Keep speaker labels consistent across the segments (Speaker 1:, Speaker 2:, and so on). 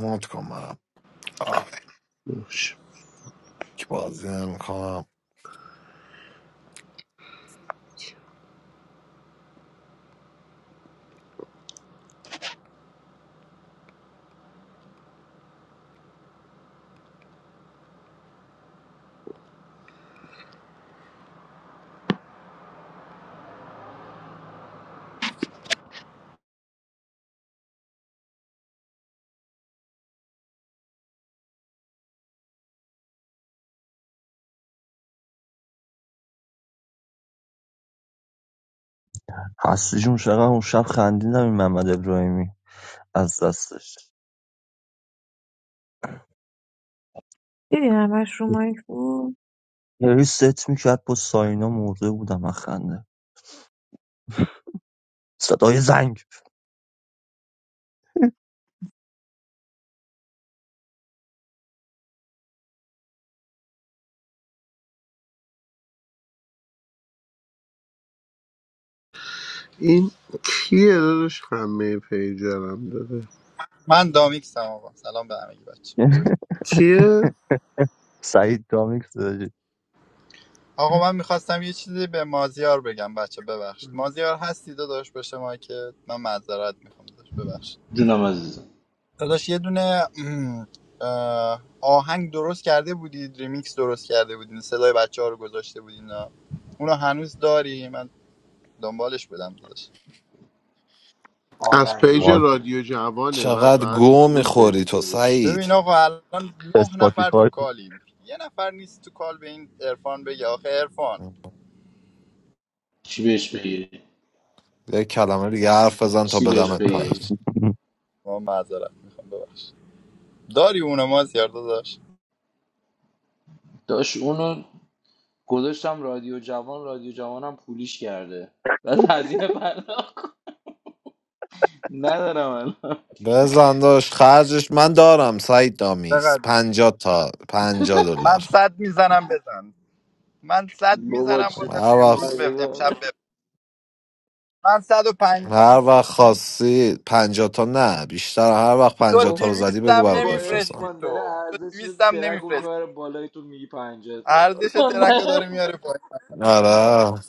Speaker 1: مات کن منم آه،
Speaker 2: باش.
Speaker 1: که بازی نمیکنم
Speaker 3: هستی جون چقدر اون شب خندیدم این محمد ابراهیمی از دستش
Speaker 4: دیدی همش رو مایک بود
Speaker 3: هی ست میکرد با ساینا مرده بودم از خنده صدای زنگ
Speaker 2: این کیه داداش همه پیجرم داره
Speaker 5: من Dreamix amava. Salaam be Amagi bache. Good.
Speaker 2: کیه
Speaker 3: سعید دامیکس داشت
Speaker 5: Aqo, I wanted to say something to Maziar. Bache, be varsh. Maziar, hast dida dash be shemake. I'm Maziar. I want to go.
Speaker 6: جونم عزیزم
Speaker 5: Didash, one of Ahang did right. Dreamix did right. The songs of the child were good. We still have it. I'm going to go to the top. To this,
Speaker 2: از
Speaker 6: آنلاین
Speaker 2: پیج
Speaker 3: ما
Speaker 6: درست کرد
Speaker 2: رادیو جوانه بعد
Speaker 1: چقدر
Speaker 2: بعد
Speaker 1: گو
Speaker 2: پول
Speaker 1: میخوری
Speaker 2: بدی
Speaker 1: تو
Speaker 2: داداش
Speaker 1: سعید
Speaker 5: now. Currently, no, not to the
Speaker 3: اسپاتیفای
Speaker 5: club. You're not going to the club. Iran. Be. Last. Iran.
Speaker 6: چی بهش بگی
Speaker 1: یه کلمه دیگه حرف بزن تا
Speaker 6: چی بهش
Speaker 5: Okay.
Speaker 1: بدمت
Speaker 5: Be
Speaker 1: پایین
Speaker 6: بگی
Speaker 5: varsh. I'm Maziar. I want to go. داری اونم از داشت
Speaker 6: داشت اونو گذاشتم رادیو جوان رادیو جوانم پولیش کرده بعد هزینه پرداخت ندارم الان
Speaker 1: بزن داشت خرجش من دارم سعید دامیکس
Speaker 5: چقدر
Speaker 1: پنجاه تا پنجاه
Speaker 5: من
Speaker 1: دلار
Speaker 5: صد میزنم بزن من صد
Speaker 6: بابا
Speaker 5: میزنم
Speaker 6: چه
Speaker 5: واسه
Speaker 1: هر
Speaker 5: امروز
Speaker 1: وقت
Speaker 6: مایه
Speaker 5: به
Speaker 6: داره.
Speaker 5: امشب به من صد و پنجاه
Speaker 1: هر وقت خواستی پنجاه تا نه بیشتر هر وقت
Speaker 5: تو
Speaker 1: پنجاه تا
Speaker 6: بابا
Speaker 1: رو زدی بگو
Speaker 5: دیویستم
Speaker 1: برات
Speaker 6: با
Speaker 5: نمیفرستی
Speaker 1: بفرستم
Speaker 6: ارفان داره
Speaker 5: تو تو
Speaker 6: ارزش رو
Speaker 5: دیویستم
Speaker 6: ترک رو
Speaker 5: نمیفرستی
Speaker 6: میبره بالای تو میگی پنجه
Speaker 5: ارزش ترک رو
Speaker 6: نه
Speaker 5: داره میاره پایین
Speaker 1: آره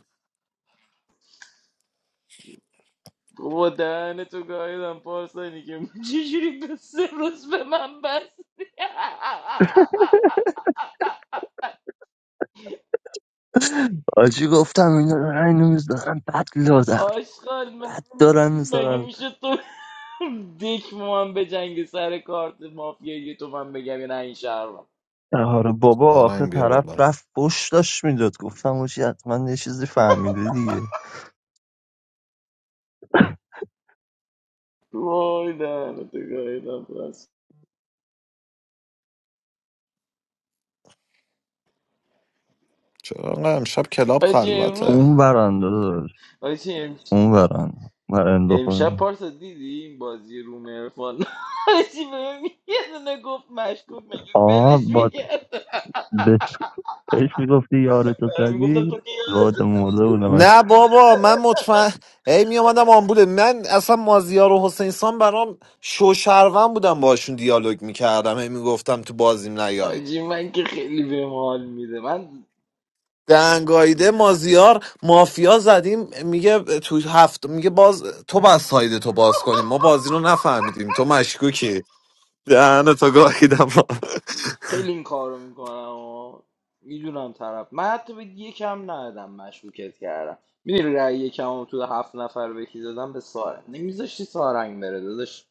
Speaker 6: بابا دهن تو گاهیدم پارسانی که چجوری به سه روز به من بستی
Speaker 3: آجی گفتم اینا دارن اینو میذارن بد لادر
Speaker 6: آشغال مگه
Speaker 3: بد دارن
Speaker 6: مگه
Speaker 3: میذارن
Speaker 6: میشه تو دک با من به جنگ سر کارت مافیایی تو من بگم یا نه این شهرم
Speaker 3: آره بابا آخه
Speaker 1: دارم بیا
Speaker 3: طرف
Speaker 1: بالا
Speaker 3: رفت فش داشت میداد گفتم آجی حتما یه چیزی فهمیده دیگه
Speaker 6: وای دهنتو گاییدم پس
Speaker 1: چرا انقدر امشب کلاب
Speaker 6: بچه امروز
Speaker 1: خلوته
Speaker 3: اون برنده داشت
Speaker 6: بچه امش...
Speaker 3: اون برنده من اندو
Speaker 6: امشب
Speaker 3: خودم.
Speaker 6: پارسا دیدی این بازی روم ارفان چی بهم یه دونه گفت مشکوک مگه
Speaker 3: آه
Speaker 6: ولش
Speaker 3: با
Speaker 6: میکرد
Speaker 3: به بهش میگفتی یار تو
Speaker 6: میگفتم
Speaker 3: زدی
Speaker 6: تو که
Speaker 3: واد مرده
Speaker 6: یادت-
Speaker 3: بودم از
Speaker 1: نه بابا من مطمئن هی می اومدم آمبوله من اصلا مازیار و حسین سان برام شوشرون بودم باشون دیالوگ میکردم هی میگفتم تو بازیم نیاید
Speaker 6: آجی من که خیلی بهم حال میده من
Speaker 1: دنگایده مازیار مافیا زدیم میگه تو هفت میگه باز تو باز ساید تو باز کنیم ما بازی رو نفهمیدیم تو مشکوکی دهن تو گاهیدم
Speaker 6: خیلی این کار رو میکنم و میدونم طرف من حتی به یکم ندادم مشکوکت کردم میدونی رأی یکم رو تو هفت نفر به کی دادم به سارنگ نمیذاشتی سارنگ بره داداش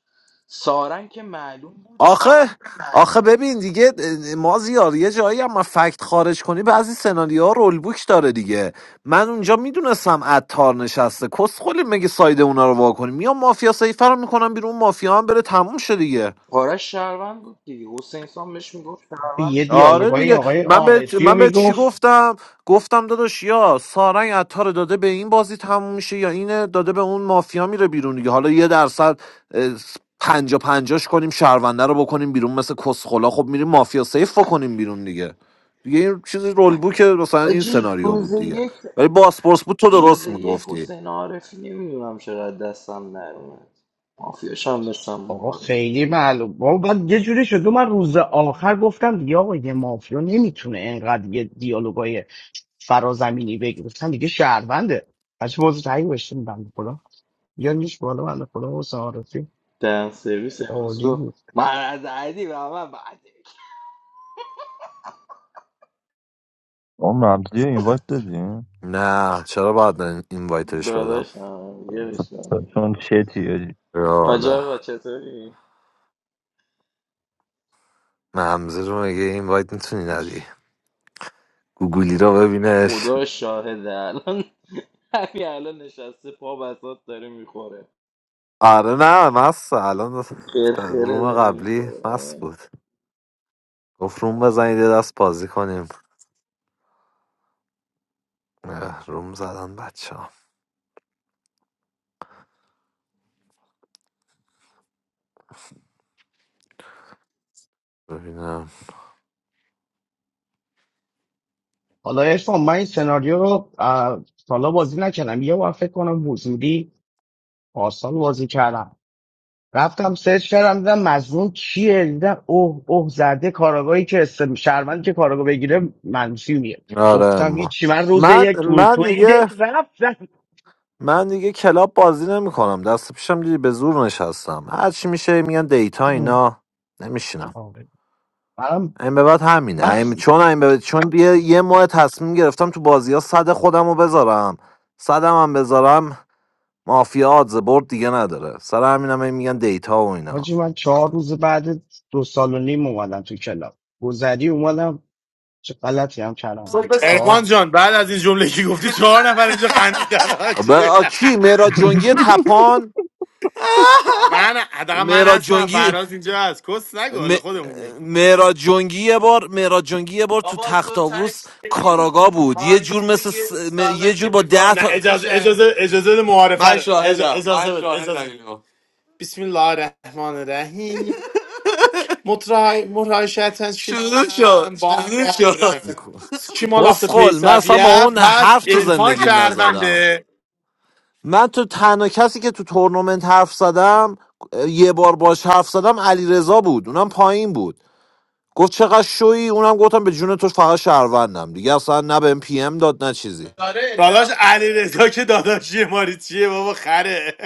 Speaker 6: سارنگ که معلوم بود
Speaker 1: آخه آخه ببین دیگه ما زیاد یه جایی هم فکت خارج کنی بعضی سناریوها رول بوک داره دیگه من اونجا میدونستم عطار نشسته کس خلی مگه ساید اونا رو وا کنی میام مافیا سیفر رو میکنم بیرون مافیا هم بره تموم شه دیگه
Speaker 6: آرش شهروند بود دیگه حسین سام بهش میگفت شهروند
Speaker 7: یه
Speaker 1: آره
Speaker 7: دیالوگای
Speaker 1: دیگه
Speaker 7: آقای
Speaker 1: من به
Speaker 7: عارفی رو
Speaker 1: من به چی
Speaker 7: میگفت
Speaker 1: گفتم گفتم داداش یا سارنگ عطار رو داده به این بازی تموم میشه یا اینه داده به اون مافیا میره بیرون دیگه حالا یه درصد اه، پنجا پنجاش کنیم شهرونده رو بکنیم بیرون مثل کسخلا خب میریم مافیا سیف بکنیم بیرون دیگه دیگه این چیز رول بوک مثلا این
Speaker 6: آجی
Speaker 1: سناریو
Speaker 6: روز
Speaker 1: بود دیگه
Speaker 6: یک
Speaker 1: ولی باسپورس بود تو
Speaker 6: روز
Speaker 1: درست
Speaker 6: یک
Speaker 1: میگفتی
Speaker 6: حسین عارفی نمیدونم چرا از دستم نرومد مافیاش هم داشتم
Speaker 7: آقا
Speaker 6: معارفه
Speaker 7: خیلی معلوم بابا بعد یه جوری شد من روز آخر گفتم دیگه آقا یه مافیا نمیتونه اینقدر یه دیالوگای فرازمینی بگه گفتم دیگه شهرونده بچه موضوع تایید بشتیم بنده خدا یا نیش بالا بنده خدا حسین عارفی
Speaker 6: دن سرویس امروز
Speaker 7: عالی
Speaker 6: گفت
Speaker 7: بود
Speaker 6: من از علی و من بعد
Speaker 3: آن ممزی اینوایت دادیم
Speaker 1: نه چرا باید من این وایتش بدم
Speaker 6: داداشم یه بشنم
Speaker 3: چون شتیه
Speaker 6: حاج
Speaker 1: یالا
Speaker 6: آقا چطوری؟
Speaker 1: ممزه رو مگه این وایت میتونی ندی گوگلی رو ببینش
Speaker 6: خدا شاهده الان همین الان نشسته پا بسات داره میخوره
Speaker 1: آره نه مست الان
Speaker 6: خرخره
Speaker 1: روم
Speaker 6: داره
Speaker 1: قبلی مست
Speaker 6: میخوره
Speaker 1: بود گفت روم بزنید یه دست بازی کنیم اه، روم زدن بچه ها ببینم
Speaker 7: حالا ارفان من این سناریو رو اه، تا حالا بازی نکردم یه بار فکر کنم حضوری پارسال بازی کردم رفتم سرچ کردم دیدم مظنون کیه دیدم اوه اوه زده کاراگاهی که است. شهروند که کاراگاه بگیره منفی میاد
Speaker 1: آره
Speaker 7: گفتم
Speaker 1: ما.
Speaker 7: هیچی من روز
Speaker 1: من
Speaker 7: یک تو
Speaker 1: من
Speaker 7: تو این
Speaker 1: دیگه
Speaker 7: دک رفتم
Speaker 1: من دیگه کلاب بازی نمی کنم دست پیشم دیدی به زور نشستم هرچی میشه میگن دیتا اینا نمیشینم
Speaker 7: آره. منم
Speaker 1: این به بعد همینه این
Speaker 7: بس
Speaker 1: چون این به بعد- چون یه, یه ماه تصمیم گرفتم تو بازی ها صد خودم رو بذارم صدم هم بذارم مافیا آدز برد دیگه نداره سر همین هم هی میگن دیتا و اینا
Speaker 7: حاجی من چهار روز بعد دو سال و نیم اومدم تو کلاب گذری اومدم چه غلطی هم کردم چهار
Speaker 8: ارفان جان بعد از این جمله که گفتی چهار نفر اینجا خندیدن
Speaker 1: به
Speaker 8: حاجی.
Speaker 1: آ، کی مهراد جنگی تپان
Speaker 8: من حداقل من
Speaker 1: مهراد
Speaker 8: هستم
Speaker 1: جنگی
Speaker 8: فراز اینجا هست کس نگو
Speaker 1: م-
Speaker 8: حالا خودمونیم
Speaker 1: مهراد جنگی یه بار مهراد جنگی یه بار تو تخت آووس کاراگا بود یه جور مثل س- م- یه جور با ده
Speaker 8: نه
Speaker 1: تا
Speaker 8: اجازه اجازه اجازه بده معارفه رو اجا- اجازه بده اجازه شاهدم بسم الله الرحمن الرحیم مترای مترای شطرنج کشیدم با هم شد کی مال افت
Speaker 1: کسخل من اصلا
Speaker 8: پیسویه
Speaker 1: با اون
Speaker 8: پس
Speaker 1: حرف تو
Speaker 8: عرفان
Speaker 1: زندگیم نزدم
Speaker 8: شهرونده
Speaker 1: من تو تنها کسی که تو تورنمنت حرف زدم یه بار باش حرف زدم علی رضا بود اونم پایین بود گفت چقدر شویی اونم گفتم به جون تو فقط شهروندم دیگه اصلا نه بهم پی ام داد نه چیزی
Speaker 8: داداش علیرضا علی که داداشی ماری چیه بابا خره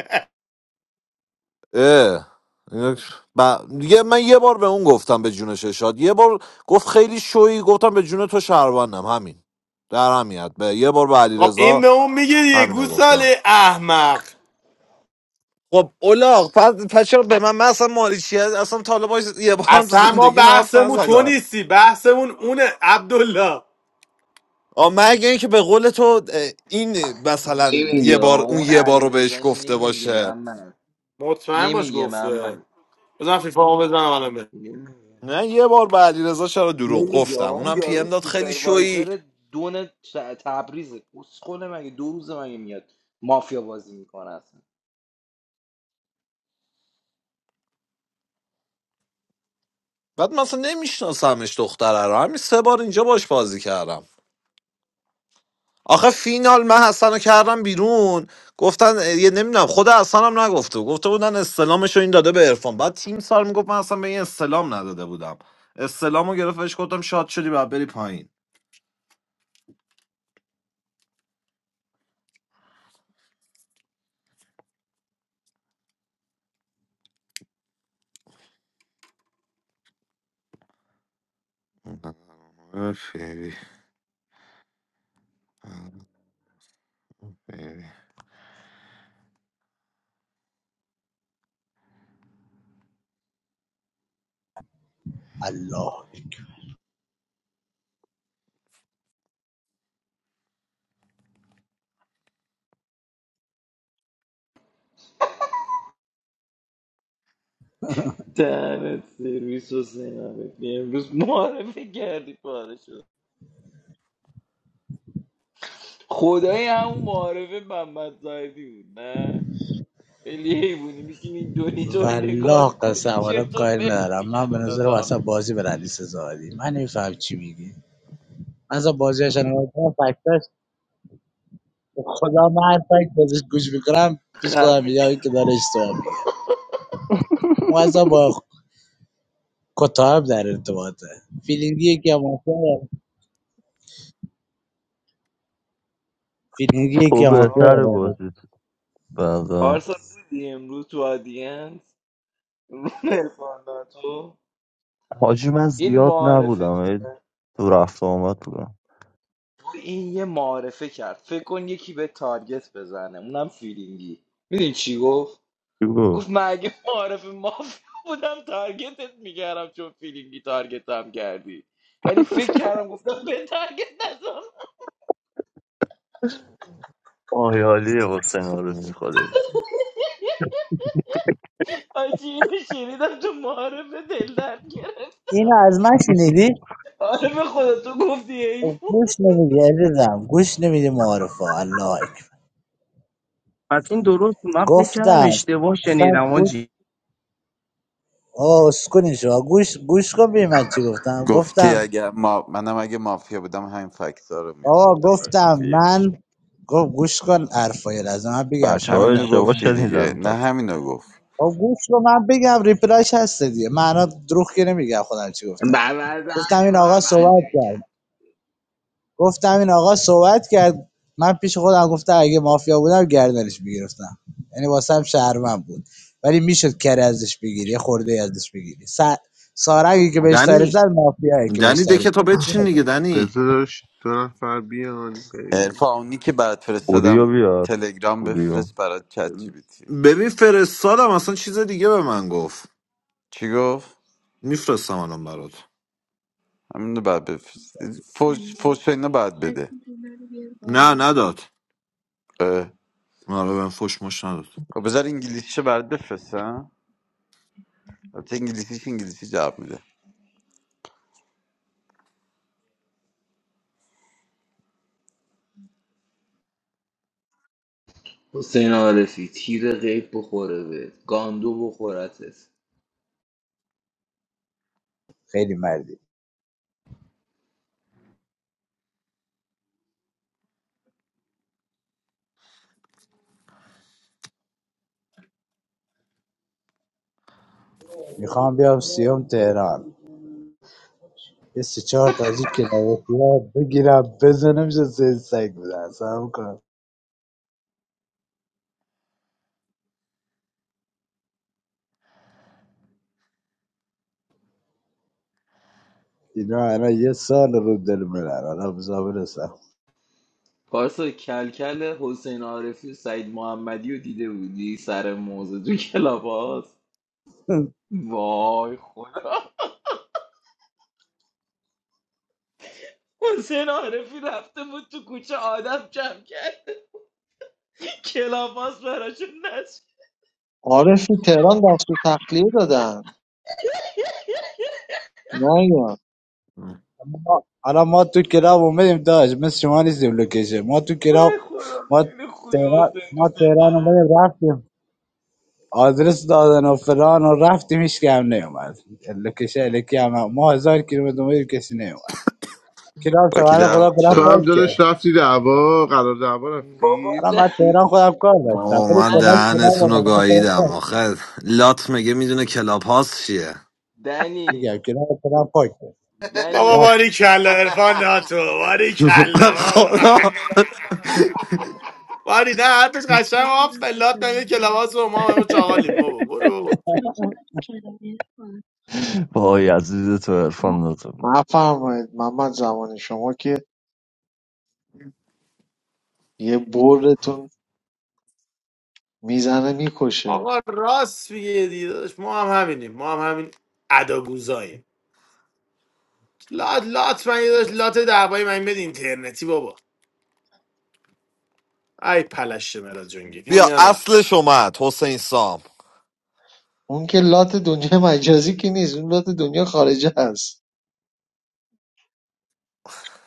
Speaker 1: اه. اینا- ب... دیگه من یه بار به اون گفتم به جون شاد یه بار گفت خیلی شویی گفتم به جون تو شهروندم همین در همیت به یه بار به
Speaker 8: خب این
Speaker 1: علیرضا
Speaker 8: به اون میگه یه
Speaker 1: همینو گفتم
Speaker 8: گوساله احمق
Speaker 1: خب اولاغ پس, پس چرا به من من اصلا مالی چیه اصلا طالب یه بارم هم تو
Speaker 8: اصلا ما
Speaker 1: زندگی حرف
Speaker 8: بحثمون تو
Speaker 1: نزدم
Speaker 8: نیستی بحثمون اونه عبدالله
Speaker 1: آه، مگه اینکه به قول تو اه، این مثلا یه
Speaker 6: نمیگه
Speaker 1: بار
Speaker 6: آه.
Speaker 1: اون
Speaker 6: اون
Speaker 1: یه بار رو
Speaker 6: علی
Speaker 1: بهش
Speaker 6: رضا،
Speaker 1: گفته
Speaker 6: نمیگه
Speaker 1: باشه
Speaker 6: محمد
Speaker 8: مطمئن باش
Speaker 6: نمیگه
Speaker 8: گفته
Speaker 6: محمد
Speaker 8: بزن فیفا ما بزنم الان به
Speaker 6: نمیگه
Speaker 1: نه یه بار به علیرضا چرا دروغ
Speaker 6: نمیگه آه.
Speaker 1: گفتم
Speaker 6: اون
Speaker 1: اونم پی
Speaker 6: یارو
Speaker 1: ام داد خیلی شویی
Speaker 6: سوپروایزر دون ت- تبریزه اسخونه مگه دو روزه مگه میاد مافیا بازی میکنه اصلا.
Speaker 1: بعد مثلا نمیشناسمش دختره رو همین سه بار اینجا باش بازی کردم آخه فینال من حسن رو کردم بیرون گفتن اه، یه نمیدونم خود حسن هم نگفته بود. گفته بودن استلامش رو این داده به عرفان بعد تیم سال میگفت من اصلا به این استلام نداده بودم استلام رو گرفت بهش گفتم شاد شدی بعد بری پایین اه، فیبی، فیبی.
Speaker 9: الله
Speaker 6: دهنت سرویس حسین عارفی امروز معارفه کردی پاره شد خدای همون معارفه محمد زاهدی بود نه خیلی حیوونی میشین این دونیتو رو نگاه
Speaker 9: والله قسم
Speaker 6: میکنی
Speaker 9: اولا
Speaker 6: چرت و
Speaker 9: کاری
Speaker 6: پرت
Speaker 9: ندارم
Speaker 6: میگن
Speaker 9: من به
Speaker 6: اونا
Speaker 9: نظرم
Speaker 6: تا هم
Speaker 9: اصلا
Speaker 6: میگی
Speaker 9: بازی برندی سزادی من نمیفهم چی میگی من اصلا بازیش نمیدونم فکتاش خدا من هر فکت بازش گوش میکنم پیش خودم
Speaker 6: خفه
Speaker 9: میگم
Speaker 6: شو
Speaker 9: این که داره اشتباه میگه اون اصلا با کتاب در ارتباطه فیلینگی که مافیا داره.
Speaker 6: این
Speaker 9: فیلینگی
Speaker 3: تو
Speaker 9: که مافیا
Speaker 6: چیزا
Speaker 3: بهتر
Speaker 9: داره.
Speaker 3: بازیت بعدا
Speaker 6: پارسا بودی امروز تو آدینس رو تو
Speaker 3: حاجی من
Speaker 6: این
Speaker 3: زیاد
Speaker 6: معارفه
Speaker 3: نبودم
Speaker 6: تو
Speaker 3: ولی تو رفت و آمد بودم
Speaker 6: این یه معارفه کرد فکر کن یکی به تارگت بزنه اونم فیلینگی میدونی چی گفت
Speaker 3: چی گفت
Speaker 6: گفت من اگه معارف مافیا بودم تارگتت میکردم چون فیلینگی تارگت هم کردی ولی فکر کردم گفتم به تارگت نزن
Speaker 3: آیالی حسین آرسی خوده
Speaker 6: آجی اینو شنیدم تو معارف دل درد گرفت
Speaker 9: اینو از من شنیدی
Speaker 6: معارف خودتو گفتی این
Speaker 9: گوش نمیدی عزیزم گوش نمیدی معارفه الله اکبر
Speaker 7: از این درست بود. من فکر کردم
Speaker 9: گفتم
Speaker 7: اشتباه
Speaker 9: اصلا
Speaker 7: شنیدم
Speaker 9: گوش
Speaker 7: آجی
Speaker 9: آه اسکلین شما گوش گوش کن ببین من چی گفتم
Speaker 10: گفتی
Speaker 9: گفتم
Speaker 10: اگه ما... منم اگه مافیا بودم همین فکتا رو می
Speaker 9: آقا
Speaker 10: آوردم برای
Speaker 9: گفتم
Speaker 10: سیتی یک
Speaker 9: من گفت گوش کن حرفای از من بگم
Speaker 3: بچه
Speaker 9: شما
Speaker 3: ها
Speaker 9: که
Speaker 10: همینو
Speaker 9: اصلا
Speaker 3: اشتباه
Speaker 10: گفتی دیگه
Speaker 3: شنیدن
Speaker 10: نه
Speaker 3: پس
Speaker 10: همینو گفت
Speaker 9: آقا گوش کن من بگم ریپلایش هست دیگه معنا دروغ که نمیگم خودم چی گفتم گفتم
Speaker 6: بربردهنی
Speaker 9: این
Speaker 6: به
Speaker 9: آقا
Speaker 6: من بعدی
Speaker 9: صحبت کرد
Speaker 6: میگن
Speaker 9: گفتم این آقا صحبت کرد من پیش خودم گفتم اگه مافیا بودم گردنش میگرفتم یعنی واسم شهرمن بود ولی میشد کری ازش بگیری یه خورده ازش بگیری س... سارنگی که بهش تاریخ
Speaker 1: دنی
Speaker 9: زد مافیایی که بهش
Speaker 1: دنی
Speaker 9: تاریخ
Speaker 1: دکه تا بچین
Speaker 9: زد
Speaker 1: دیگه دنی
Speaker 2: بذارش دو نفر بیان بریم
Speaker 10: عرفان اونی که برات
Speaker 3: اوریو
Speaker 10: فرستادم
Speaker 3: بیار
Speaker 10: تلگرام
Speaker 3: اوریو
Speaker 10: بفرست برات چت جی بی تی
Speaker 1: ببین فرستادم اصلا چیز دیگه به من گفت
Speaker 10: چی گفت
Speaker 1: میفرستم الان برات
Speaker 10: همینو بعد بفرست
Speaker 11: Hello.
Speaker 10: فوش فوش اینا بعد
Speaker 11: I
Speaker 10: بده
Speaker 11: see you're not here,
Speaker 1: نه
Speaker 11: Paula.
Speaker 1: نداد
Speaker 10: اه.
Speaker 1: آره بهم فش مش نداد
Speaker 10: خب بذار انگلیسیشو برات بفرستم البته انگلیسیش انگلیسی جواب میده
Speaker 6: حسین عارفی تیر غیب بخوره بهت گاندو بخورتت
Speaker 9: خیلی مردی میخوام بیام سیام تهران یه سه چهار تا از این کلاوسیا بگیرم بزنم چه سه سگ بودن سلام کن اینا الان یه سال رو دل منن حالا بزا برسم
Speaker 6: پارسا کلکل حسین عارفی و سعید محمدی رو دیده بودی سر موزه تو کلاب هاست؟ وای حسین عارفی رفته بود تو کوچه آدم جمع کرد کلافاس براشون نصب
Speaker 12: آره تو تهران دست به تخلیه دادن نه یا
Speaker 9: ما- حالا ما تو کلاب اومدیم داشت مثل شما نیستیم لوکیشن ما تو کلاب
Speaker 6: وای خدا
Speaker 9: ما
Speaker 6: خیلی خوبی
Speaker 9: تهران
Speaker 6: حسین
Speaker 9: ما
Speaker 6: دوست
Speaker 9: تهران
Speaker 6: دارم
Speaker 9: اومدیم رفتیم آدرس دادن و فلان و رفتیم هیچ که هم نیومد لوکیشن الکی هم ما هزار کیلومتر اومدیم کسی نیومد کلاب
Speaker 10: با کی
Speaker 9: شما خدا
Speaker 10: دعوت
Speaker 9: کلاب
Speaker 10: شد
Speaker 2: تو هم
Speaker 9: پاک کرد
Speaker 2: داداش رفتی دعوا قرار دعوا
Speaker 6: بابا
Speaker 2: رفتی
Speaker 9: الان من
Speaker 6: د-
Speaker 9: تهران خودم کار داشتم
Speaker 1: بابا
Speaker 9: ولی
Speaker 1: من
Speaker 9: کلا
Speaker 6: دنی
Speaker 9: کنار با
Speaker 1: دهنتون رو
Speaker 9: بنده خودم
Speaker 1: گاییدم
Speaker 9: پاک
Speaker 1: آخه لات میگه میدونه کلاب هاست چیه
Speaker 6: دنی
Speaker 9: میگم کنار خودم پاک
Speaker 8: بابا
Speaker 9: داشت.
Speaker 6: دنی
Speaker 8: باری کلا ارفان ناتو باری کلا بابا
Speaker 1: خدا
Speaker 8: باری نه حرفش
Speaker 11: I was
Speaker 8: قشنگ
Speaker 11: just
Speaker 8: ما
Speaker 11: about to
Speaker 8: فلات
Speaker 11: call.
Speaker 8: نمیه که لباس رو ما همه چاقالیم بابا برو بابا.
Speaker 11: Don't you like to play the piano?
Speaker 3: وای عزیز تو عرفان دادم
Speaker 12: نفرمایید محمد زمانی شما که یه بردتون میزنه میکشه
Speaker 8: آقا راست میگه دیداش ما هم همینیم ما هم همین اداگوزاییم لات لات من یه داشت لات دعوایی من بدین اینترنتی بابا ای پلش مهراد جنگی دیدی
Speaker 1: بیا
Speaker 8: یا نه
Speaker 1: اصلش اومد حسین سام
Speaker 12: اون که لات دنیا مجازی که نیست اون لات دنیا خارجه هست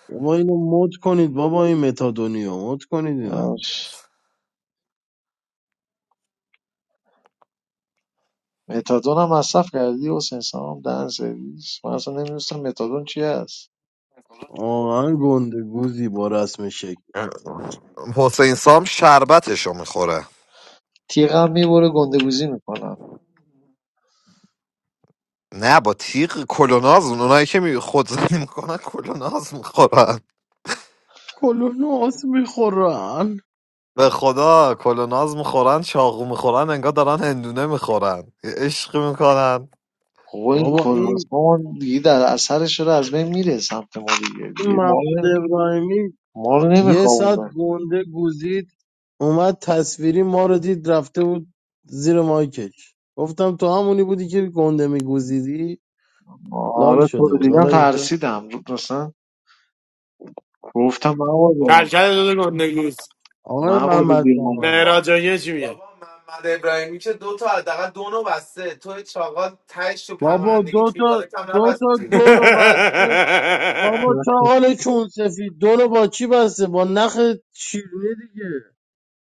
Speaker 13: بابا اینو مد کنید بابا این متادونیو مد کنید اینو
Speaker 12: آش. متادون هم مصرف کردی و سنسان هم دهن سرویس من اصلا نمیدونستم متادون چی هست
Speaker 13: آهن گنده گوزی با رسم شکل
Speaker 1: حسین سام شربتشو میخوره
Speaker 12: تیغم میبره گندگوزی میکنم
Speaker 1: نه با تیغ کلوناز اونایی که می خودزنی میکنن کلوناز میخورن
Speaker 13: کلون آس میخورن
Speaker 1: به خدا کلوناز میخورن چاقو میخورن انگار دارن هندونه میخورن عشق میکنن
Speaker 12: خب این
Speaker 13: بابا این
Speaker 12: کلاسمان دیگه در اثرش داره از بین میره سمت ما دیگه
Speaker 13: این
Speaker 12: دیگه ما
Speaker 13: محمد ابراهیمی
Speaker 12: ما رو
Speaker 13: یه ساعت
Speaker 12: نمیخوابونه.
Speaker 13: گنده گوزید اومد تصویری ما رو دید رفته بود زیر مایکش گفتم تو همونی بودی که گنده میگوزیدی لال
Speaker 12: آره تو
Speaker 13: شده
Speaker 12: رو
Speaker 13: بود
Speaker 12: دیدم
Speaker 13: حالا اینجا
Speaker 12: ترسیدم مثلا گفتم موالا
Speaker 8: کلکل داده گندگوز
Speaker 13: آقای
Speaker 12: موالا
Speaker 13: محمد
Speaker 12: بیرون
Speaker 13: زمانی
Speaker 8: مهراد جنگی چی میگه
Speaker 13: بابا دو تا دو تا دونو بسته بابا چاقال چون سفید دونو با چی بسته با نخ شیرینی دیگه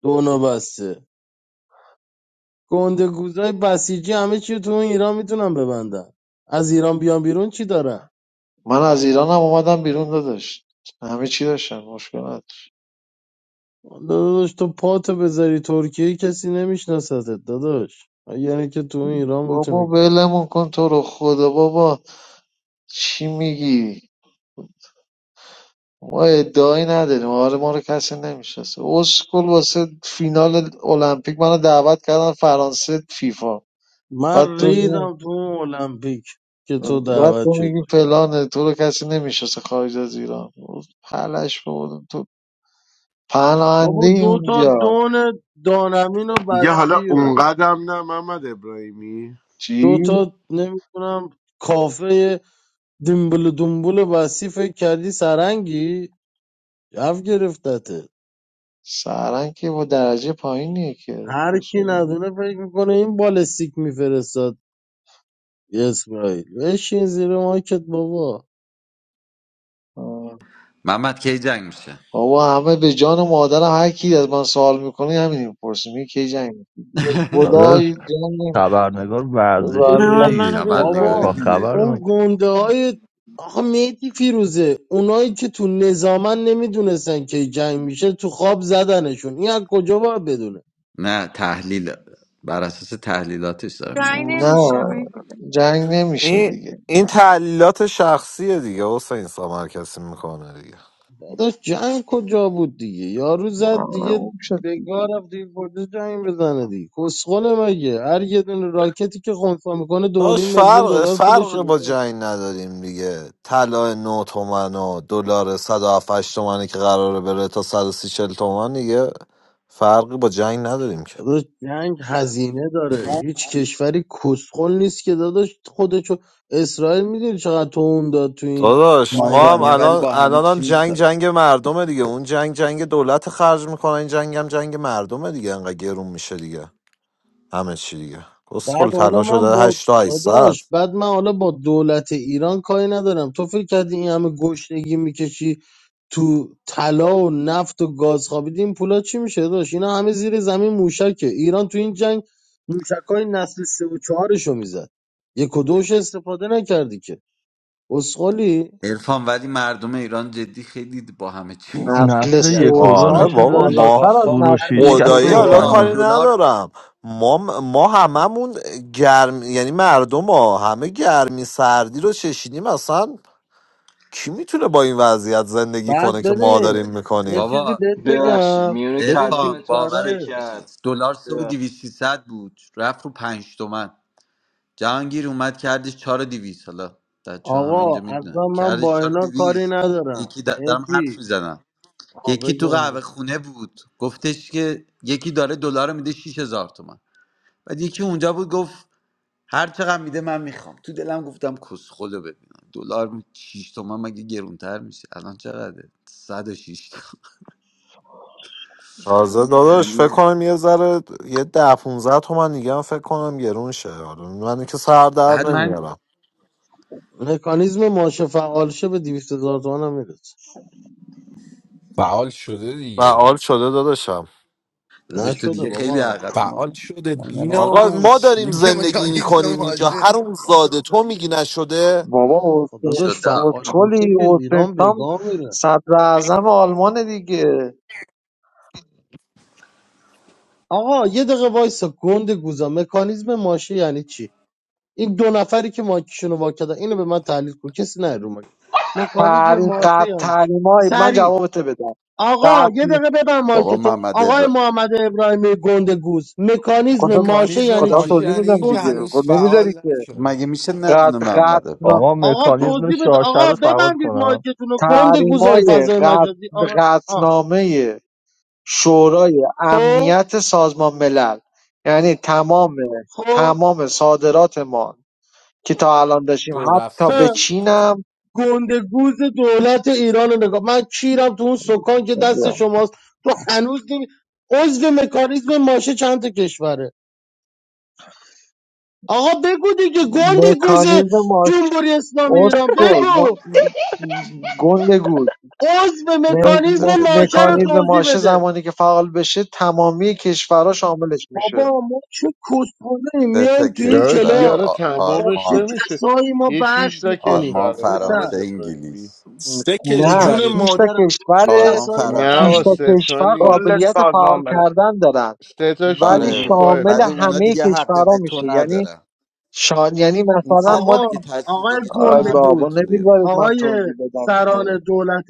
Speaker 13: دونو بسته گنده گوزای بسیجی همه چی رو تو اون ایران میتونن ببندن از ایران بیان بیرون چی دارن
Speaker 12: من از ایرانم اومدم بیرون داداش همه چی داشتم مشکل نداشت
Speaker 13: داداش تو پاتو بذاری ترکیه کسی نمیشناستت داداش یعنی که تو اون ایران
Speaker 12: بابا
Speaker 13: بتونی کن
Speaker 12: ولمون کن تو رو خدا بابا چی میگی ما ادعایی نداریم آره ما رو کسی نمیشناسه اسکل واسه فینال المپیک منو دعوت کردن فرانسه فیفا بعد
Speaker 13: من
Speaker 12: تو می-
Speaker 13: ریدم تو اون المپیک که تو
Speaker 12: بعد
Speaker 13: دعوت
Speaker 12: تو
Speaker 13: شدی
Speaker 12: میگی فلانه تو رو کسی نمیشناسه خارج از ایران پلش بودم پناهنده
Speaker 13: بابا دو تا
Speaker 12: اونجا
Speaker 13: دون دانمین و
Speaker 2: دیگه حالا
Speaker 13: بسی و
Speaker 2: اونقدرم نه محمد ابراهیمی
Speaker 12: چی؟
Speaker 13: دو تا نمیدونم کافه دنبله دنبله وصی فکر کردی سرنگی یف گرفتته
Speaker 12: سرنگ که با درجه پایینیه که
Speaker 13: هر کی
Speaker 12: بسوی.
Speaker 13: ندونه فکر میکنه این بالستیک میفرستاد اسرائیل بشین زیر ماکت بابا
Speaker 12: آه.
Speaker 10: محمد کی جنگ میشه
Speaker 12: بابا همه به جان و مادرم هر کی از من سوال میکنه همین میپرسه میگه کی جنگ می‌کنی؟
Speaker 3: داداش
Speaker 12: خدای جنگ نمی-
Speaker 3: خبرنگار ورزشی
Speaker 14: No,
Speaker 12: والله
Speaker 14: I'm not
Speaker 3: دیگه
Speaker 14: a beer
Speaker 10: خبرنگاری
Speaker 14: brother.
Speaker 13: بابا
Speaker 3: اتاق
Speaker 10: دیگه
Speaker 3: خبر
Speaker 13: اون گنده های آخه میتی فیروزه اونایی که تو نظامن نمیدونستن که جنگ میشه تو خواب زدنشون این از کجا باید بدونه
Speaker 10: نه تحلیل بر اساس تحلیلاتش دارم
Speaker 4: رای
Speaker 12: نه
Speaker 10: میپرسم
Speaker 4: نمیشه مهدیده
Speaker 12: جنگ نمیشه
Speaker 1: این
Speaker 12: دیگه
Speaker 1: این تعلیلات شخصیه دیگه حسین سام هر کسی میکنه دیگه
Speaker 13: داداش جنگ کجا بود دیگه یارو زد دیگه
Speaker 12: معلوم شد
Speaker 13: بگاه
Speaker 12: دیگه
Speaker 13: رفت دیگه کجا جنگ بزنه دیگه کسخله مگه هر یه دونه راکتی که خونسا میکنه دو
Speaker 1: داش
Speaker 13: نیم میلیون
Speaker 1: فرق
Speaker 13: دلار پولش
Speaker 1: فرق با جنگ نداریم دیگه طلا 9 تومن و دلار 178 تومنی که قراره بره تا 130 40 تومن دیگه فرقی با جنگ نداریم که
Speaker 13: داداش جنگ هزینه داره هیچ کشوری کسخل نیست که داداش خودشو اسرائیل میدونی چقدر توم داد تو این
Speaker 1: داداش
Speaker 10: ما
Speaker 1: ما هم
Speaker 10: ایرانی
Speaker 13: دوازده
Speaker 10: ولی
Speaker 1: الان
Speaker 10: با همه
Speaker 1: الان هم
Speaker 10: چی
Speaker 1: جنگ
Speaker 10: میسازیم
Speaker 1: جنگ مردمه دیگه اون جنگ جنگ دولت خرج میکنه این جنگ هم جنگ مردمه دیگه انقدر گرون میشه دیگه همه چی دیگه کسخل
Speaker 13: بعد
Speaker 1: طلا
Speaker 13: حالا من
Speaker 1: شده
Speaker 13: با
Speaker 1: 8 تا 800
Speaker 13: داداش بعد من حالا با دولت ایران کاری ندارم تو فکر کردی این همه گشنگی میکشی تو طلا و نفت و گاز خوابیدی این پولا چی میشه داداش اینا همه زیر زمین موشکه ایران تو این جنگ موشکای نسل سه و چهارشو میزد یک و دوش استفاده نکردی که اسخولی
Speaker 10: عرفان ولی مردم ایران جدی خیلی با همه چی میسازن
Speaker 12: نسل
Speaker 3: نسل
Speaker 10: خیلی عجیب.
Speaker 3: یک و دو
Speaker 1: آره
Speaker 12: سلطان
Speaker 3: میشه
Speaker 1: بابا
Speaker 3: داداش
Speaker 1: ما
Speaker 12: بالاتر
Speaker 10: با
Speaker 12: از
Speaker 3: سور و
Speaker 10: باور
Speaker 12: نسل
Speaker 10: کن
Speaker 12: یک و
Speaker 3: شیشکس
Speaker 1: خدایی
Speaker 3: و
Speaker 10: حسین
Speaker 1: حالا
Speaker 12: دو
Speaker 3: شاهین
Speaker 10: سام
Speaker 1: کاری
Speaker 3: نجات
Speaker 10: دلار
Speaker 1: ندارم ما ما هممون گرم یعنی مردم ها همه گرمی سردی رو چشیدیم اصلا کی میتونه با این وضعیت زندگی
Speaker 13: بعد
Speaker 1: کنه که ما
Speaker 13: ببین
Speaker 1: داریم
Speaker 13: یه
Speaker 1: میکنیم
Speaker 13: چیزی
Speaker 10: بابا
Speaker 13: بهت
Speaker 6: ببخشید
Speaker 13: بگم
Speaker 6: میونه
Speaker 13: ببین
Speaker 10: عرفان
Speaker 6: کلامتون
Speaker 10: باورت
Speaker 13: کشورهای
Speaker 10: نمیشه
Speaker 6: شکر
Speaker 10: دلار سه و
Speaker 6: ببخشید
Speaker 10: صد بود رفت رو پنج تومن جهانگیر اومد کردش چهار و دیویس حالا در همه
Speaker 13: آقا
Speaker 10: اینجا
Speaker 13: اصلا
Speaker 10: میدونن
Speaker 13: من
Speaker 10: کردش
Speaker 13: با
Speaker 10: چهار و
Speaker 13: اینا کاری
Speaker 10: دیویس
Speaker 13: ندارم
Speaker 10: یکی در- دارم حرف
Speaker 13: میتی
Speaker 10: میزنم یکی تو قهوه خونه بود گفتش که یکی داره دلار رو میده 6000 تومن بعد یکی اونجا بود گفت هر چقدر میده من میخوام تو دلم گفتم کس خدا ببینم دلار 6 تومن مگه گرونتر میشه الان چقدره 106 تومن.
Speaker 1: تازه داداش فکر
Speaker 10: یعنی
Speaker 1: کنم یه ذره یه ده 15 تومن دیگه هم فکر کنم گرون شه آره من که سر در
Speaker 10: بعد من
Speaker 1: نمیارم
Speaker 13: مکانیزم ماشه فعال شه به 200 هزار تومن هم میرسه
Speaker 15: فعال شده دیگه
Speaker 1: فعال شده داداشم
Speaker 10: داداش تو
Speaker 13: نشده
Speaker 10: دیگه خیلی
Speaker 13: بابا هم
Speaker 10: عقب ما
Speaker 15: فعال شده
Speaker 10: ما اینا رو می-
Speaker 1: آقا ما
Speaker 15: بیناموس
Speaker 1: داریم
Speaker 15: میگه
Speaker 1: زندگی
Speaker 15: مکانیزم
Speaker 1: میکنیم اینجا
Speaker 15: ماشه
Speaker 1: هر اون زاده تو میگی نشده
Speaker 12: بابا
Speaker 13: خدا
Speaker 12: حسین
Speaker 13: داشت
Speaker 10: شده
Speaker 13: فعال بشه
Speaker 12: کسخلی
Speaker 13: که
Speaker 12: حسین
Speaker 13: ایران
Speaker 12: سام
Speaker 13: بگاه میره
Speaker 12: صدر اعظم آلمان دیگه
Speaker 13: آقا یه دقیقه وایسا گند گوزا مکانیزم ماشه یعنی چی این دو نفری که ماکیشون رو واکدن اینو به من تحلیل کن کسی نه رو ماک مکانیزم
Speaker 12: تعلیم
Speaker 13: ماشه
Speaker 12: قطع
Speaker 13: یعنی چی
Speaker 12: تعلیم های من
Speaker 13: سری
Speaker 12: جوابتو بدم
Speaker 13: آقا
Speaker 12: قطع
Speaker 13: یه
Speaker 12: می-
Speaker 13: دقیقه ببن
Speaker 10: بابا
Speaker 13: مایکتو
Speaker 10: محمد
Speaker 13: آقای
Speaker 10: ابراهیم
Speaker 13: محمد ابراهیمی گند گوز مکانیزم
Speaker 12: خدا
Speaker 13: ماشه
Speaker 15: مکانیزم
Speaker 13: یعنی
Speaker 12: خدا
Speaker 13: چی
Speaker 15: ماشه
Speaker 12: توضیح
Speaker 15: یعنی این
Speaker 12: میدم
Speaker 15: که
Speaker 12: دیگه
Speaker 13: توضیح بده
Speaker 15: هنوز
Speaker 12: خب نمیذاری
Speaker 15: فعال
Speaker 12: که
Speaker 15: نشده
Speaker 10: مگه میشه ندونه
Speaker 12: قطع
Speaker 10: محمد
Speaker 12: قطع
Speaker 10: ابراهیم
Speaker 3: آقا
Speaker 13: آقا
Speaker 3: مکانیزم
Speaker 13: توضیح بده
Speaker 3: شاشه
Speaker 13: آقا
Speaker 3: رو سواد
Speaker 13: ببندید
Speaker 3: کنم
Speaker 13: مایکتون رو گند
Speaker 12: تحریم
Speaker 13: گوزای
Speaker 12: های
Speaker 13: فضای مجازی
Speaker 12: قطع
Speaker 13: آقا آ
Speaker 12: قطعنامه شورای
Speaker 13: خب
Speaker 12: امنیت سازمان ملل یعنی تمام
Speaker 13: خب
Speaker 12: تمام صادرات ما که تا الان داشتیم
Speaker 15: جو رفت
Speaker 12: حتی به
Speaker 13: اه.
Speaker 15: سرش کرد.
Speaker 12: چینم
Speaker 13: گند گوز دولت ایران رو نگاه من کیرم تو اون سکان که دست شماست تو هنوز نمی عضو مکانیزم ماشه چند تا کشوره آقا بگو دیگه گند گوز
Speaker 12: مکانیزم مارش
Speaker 13: جمهوری اسلامی ایران
Speaker 12: اورسکل
Speaker 13: بگو
Speaker 12: گندگوز
Speaker 13: عضو
Speaker 10: سه
Speaker 13: مکانیزم
Speaker 12: م-
Speaker 10: تا
Speaker 13: ماشه رو
Speaker 10: کشور
Speaker 12: مکانیزم
Speaker 13: توضیح
Speaker 12: ماشه
Speaker 13: بده
Speaker 12: زمانی که فعال بشه تمامی کشورها شاملش میشه
Speaker 13: بابا ما چه کسخونه
Speaker 10: سه تا
Speaker 13: میایم تو این
Speaker 2: داداش
Speaker 10: کشور
Speaker 13: کلاب
Speaker 2: یاره
Speaker 10: آ-
Speaker 13: با
Speaker 2: تمامش
Speaker 13: چه
Speaker 10: آلمان
Speaker 2: نمیشه
Speaker 13: کسایی ما
Speaker 2: یه شیش
Speaker 13: بحث
Speaker 2: تا
Speaker 13: میکنیم
Speaker 10: آلمان
Speaker 2: کشوره
Speaker 13: پسر
Speaker 2: محمد
Speaker 10: فرانسه
Speaker 2: ابراهیمی
Speaker 10: انگلیس
Speaker 15: سه
Speaker 13: به
Speaker 12: نه
Speaker 15: کشور
Speaker 13: جون
Speaker 12: شش تا
Speaker 15: دیگه
Speaker 13: مادرم با
Speaker 12: کشور
Speaker 13: چه
Speaker 10: آلمان
Speaker 13: کسایی ما
Speaker 2: نه
Speaker 10: فرانسه
Speaker 12: شش
Speaker 2: و
Speaker 13: بحث
Speaker 12: تا
Speaker 10: انگلیس
Speaker 2: سه
Speaker 13: میکنیم
Speaker 2: تا
Speaker 12: کشور
Speaker 7: کل
Speaker 2: نیست
Speaker 12: قابلیت فعال
Speaker 7: سازمان بلد
Speaker 12: کردن دارن
Speaker 2: سه تاش تو
Speaker 12: ولی
Speaker 10: آره
Speaker 2: اروپا
Speaker 12: شامل
Speaker 10: ولی
Speaker 2: فقط
Speaker 10: اونا
Speaker 12: همه
Speaker 10: دیگه حق
Speaker 12: کشورها
Speaker 10: وتو
Speaker 12: میشه یعنی
Speaker 10: ندارن
Speaker 12: شان یعنی
Speaker 10: این
Speaker 12: مثلا
Speaker 10: سه
Speaker 12: ما
Speaker 10: تا
Speaker 13: آقا
Speaker 10: اگه
Speaker 12: دی-
Speaker 10: تصمیم
Speaker 13: آقای
Speaker 10: بگیرن
Speaker 12: آی
Speaker 10: اونا حق
Speaker 12: بابا
Speaker 13: گندگوز
Speaker 10: وتو ندارن
Speaker 12: نمیذارید من
Speaker 13: آقای
Speaker 12: توضیح بدم که
Speaker 13: سران دولت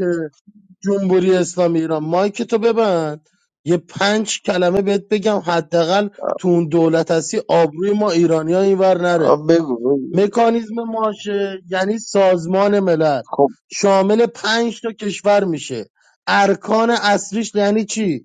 Speaker 13: جمهوری اسلامی ایران مایک تو ببند یه پنج کلمه بهت بگم حداقل تو اون دولت هستی آبروی ما ایرانی ها اینور
Speaker 12: آ،
Speaker 13: نره
Speaker 12: بگو بگو
Speaker 13: مکانیزم ماشه یعنی سازمان ملل
Speaker 12: خب
Speaker 13: شامل پنج تا کشور میشه ارکان اصلیش یعنی چی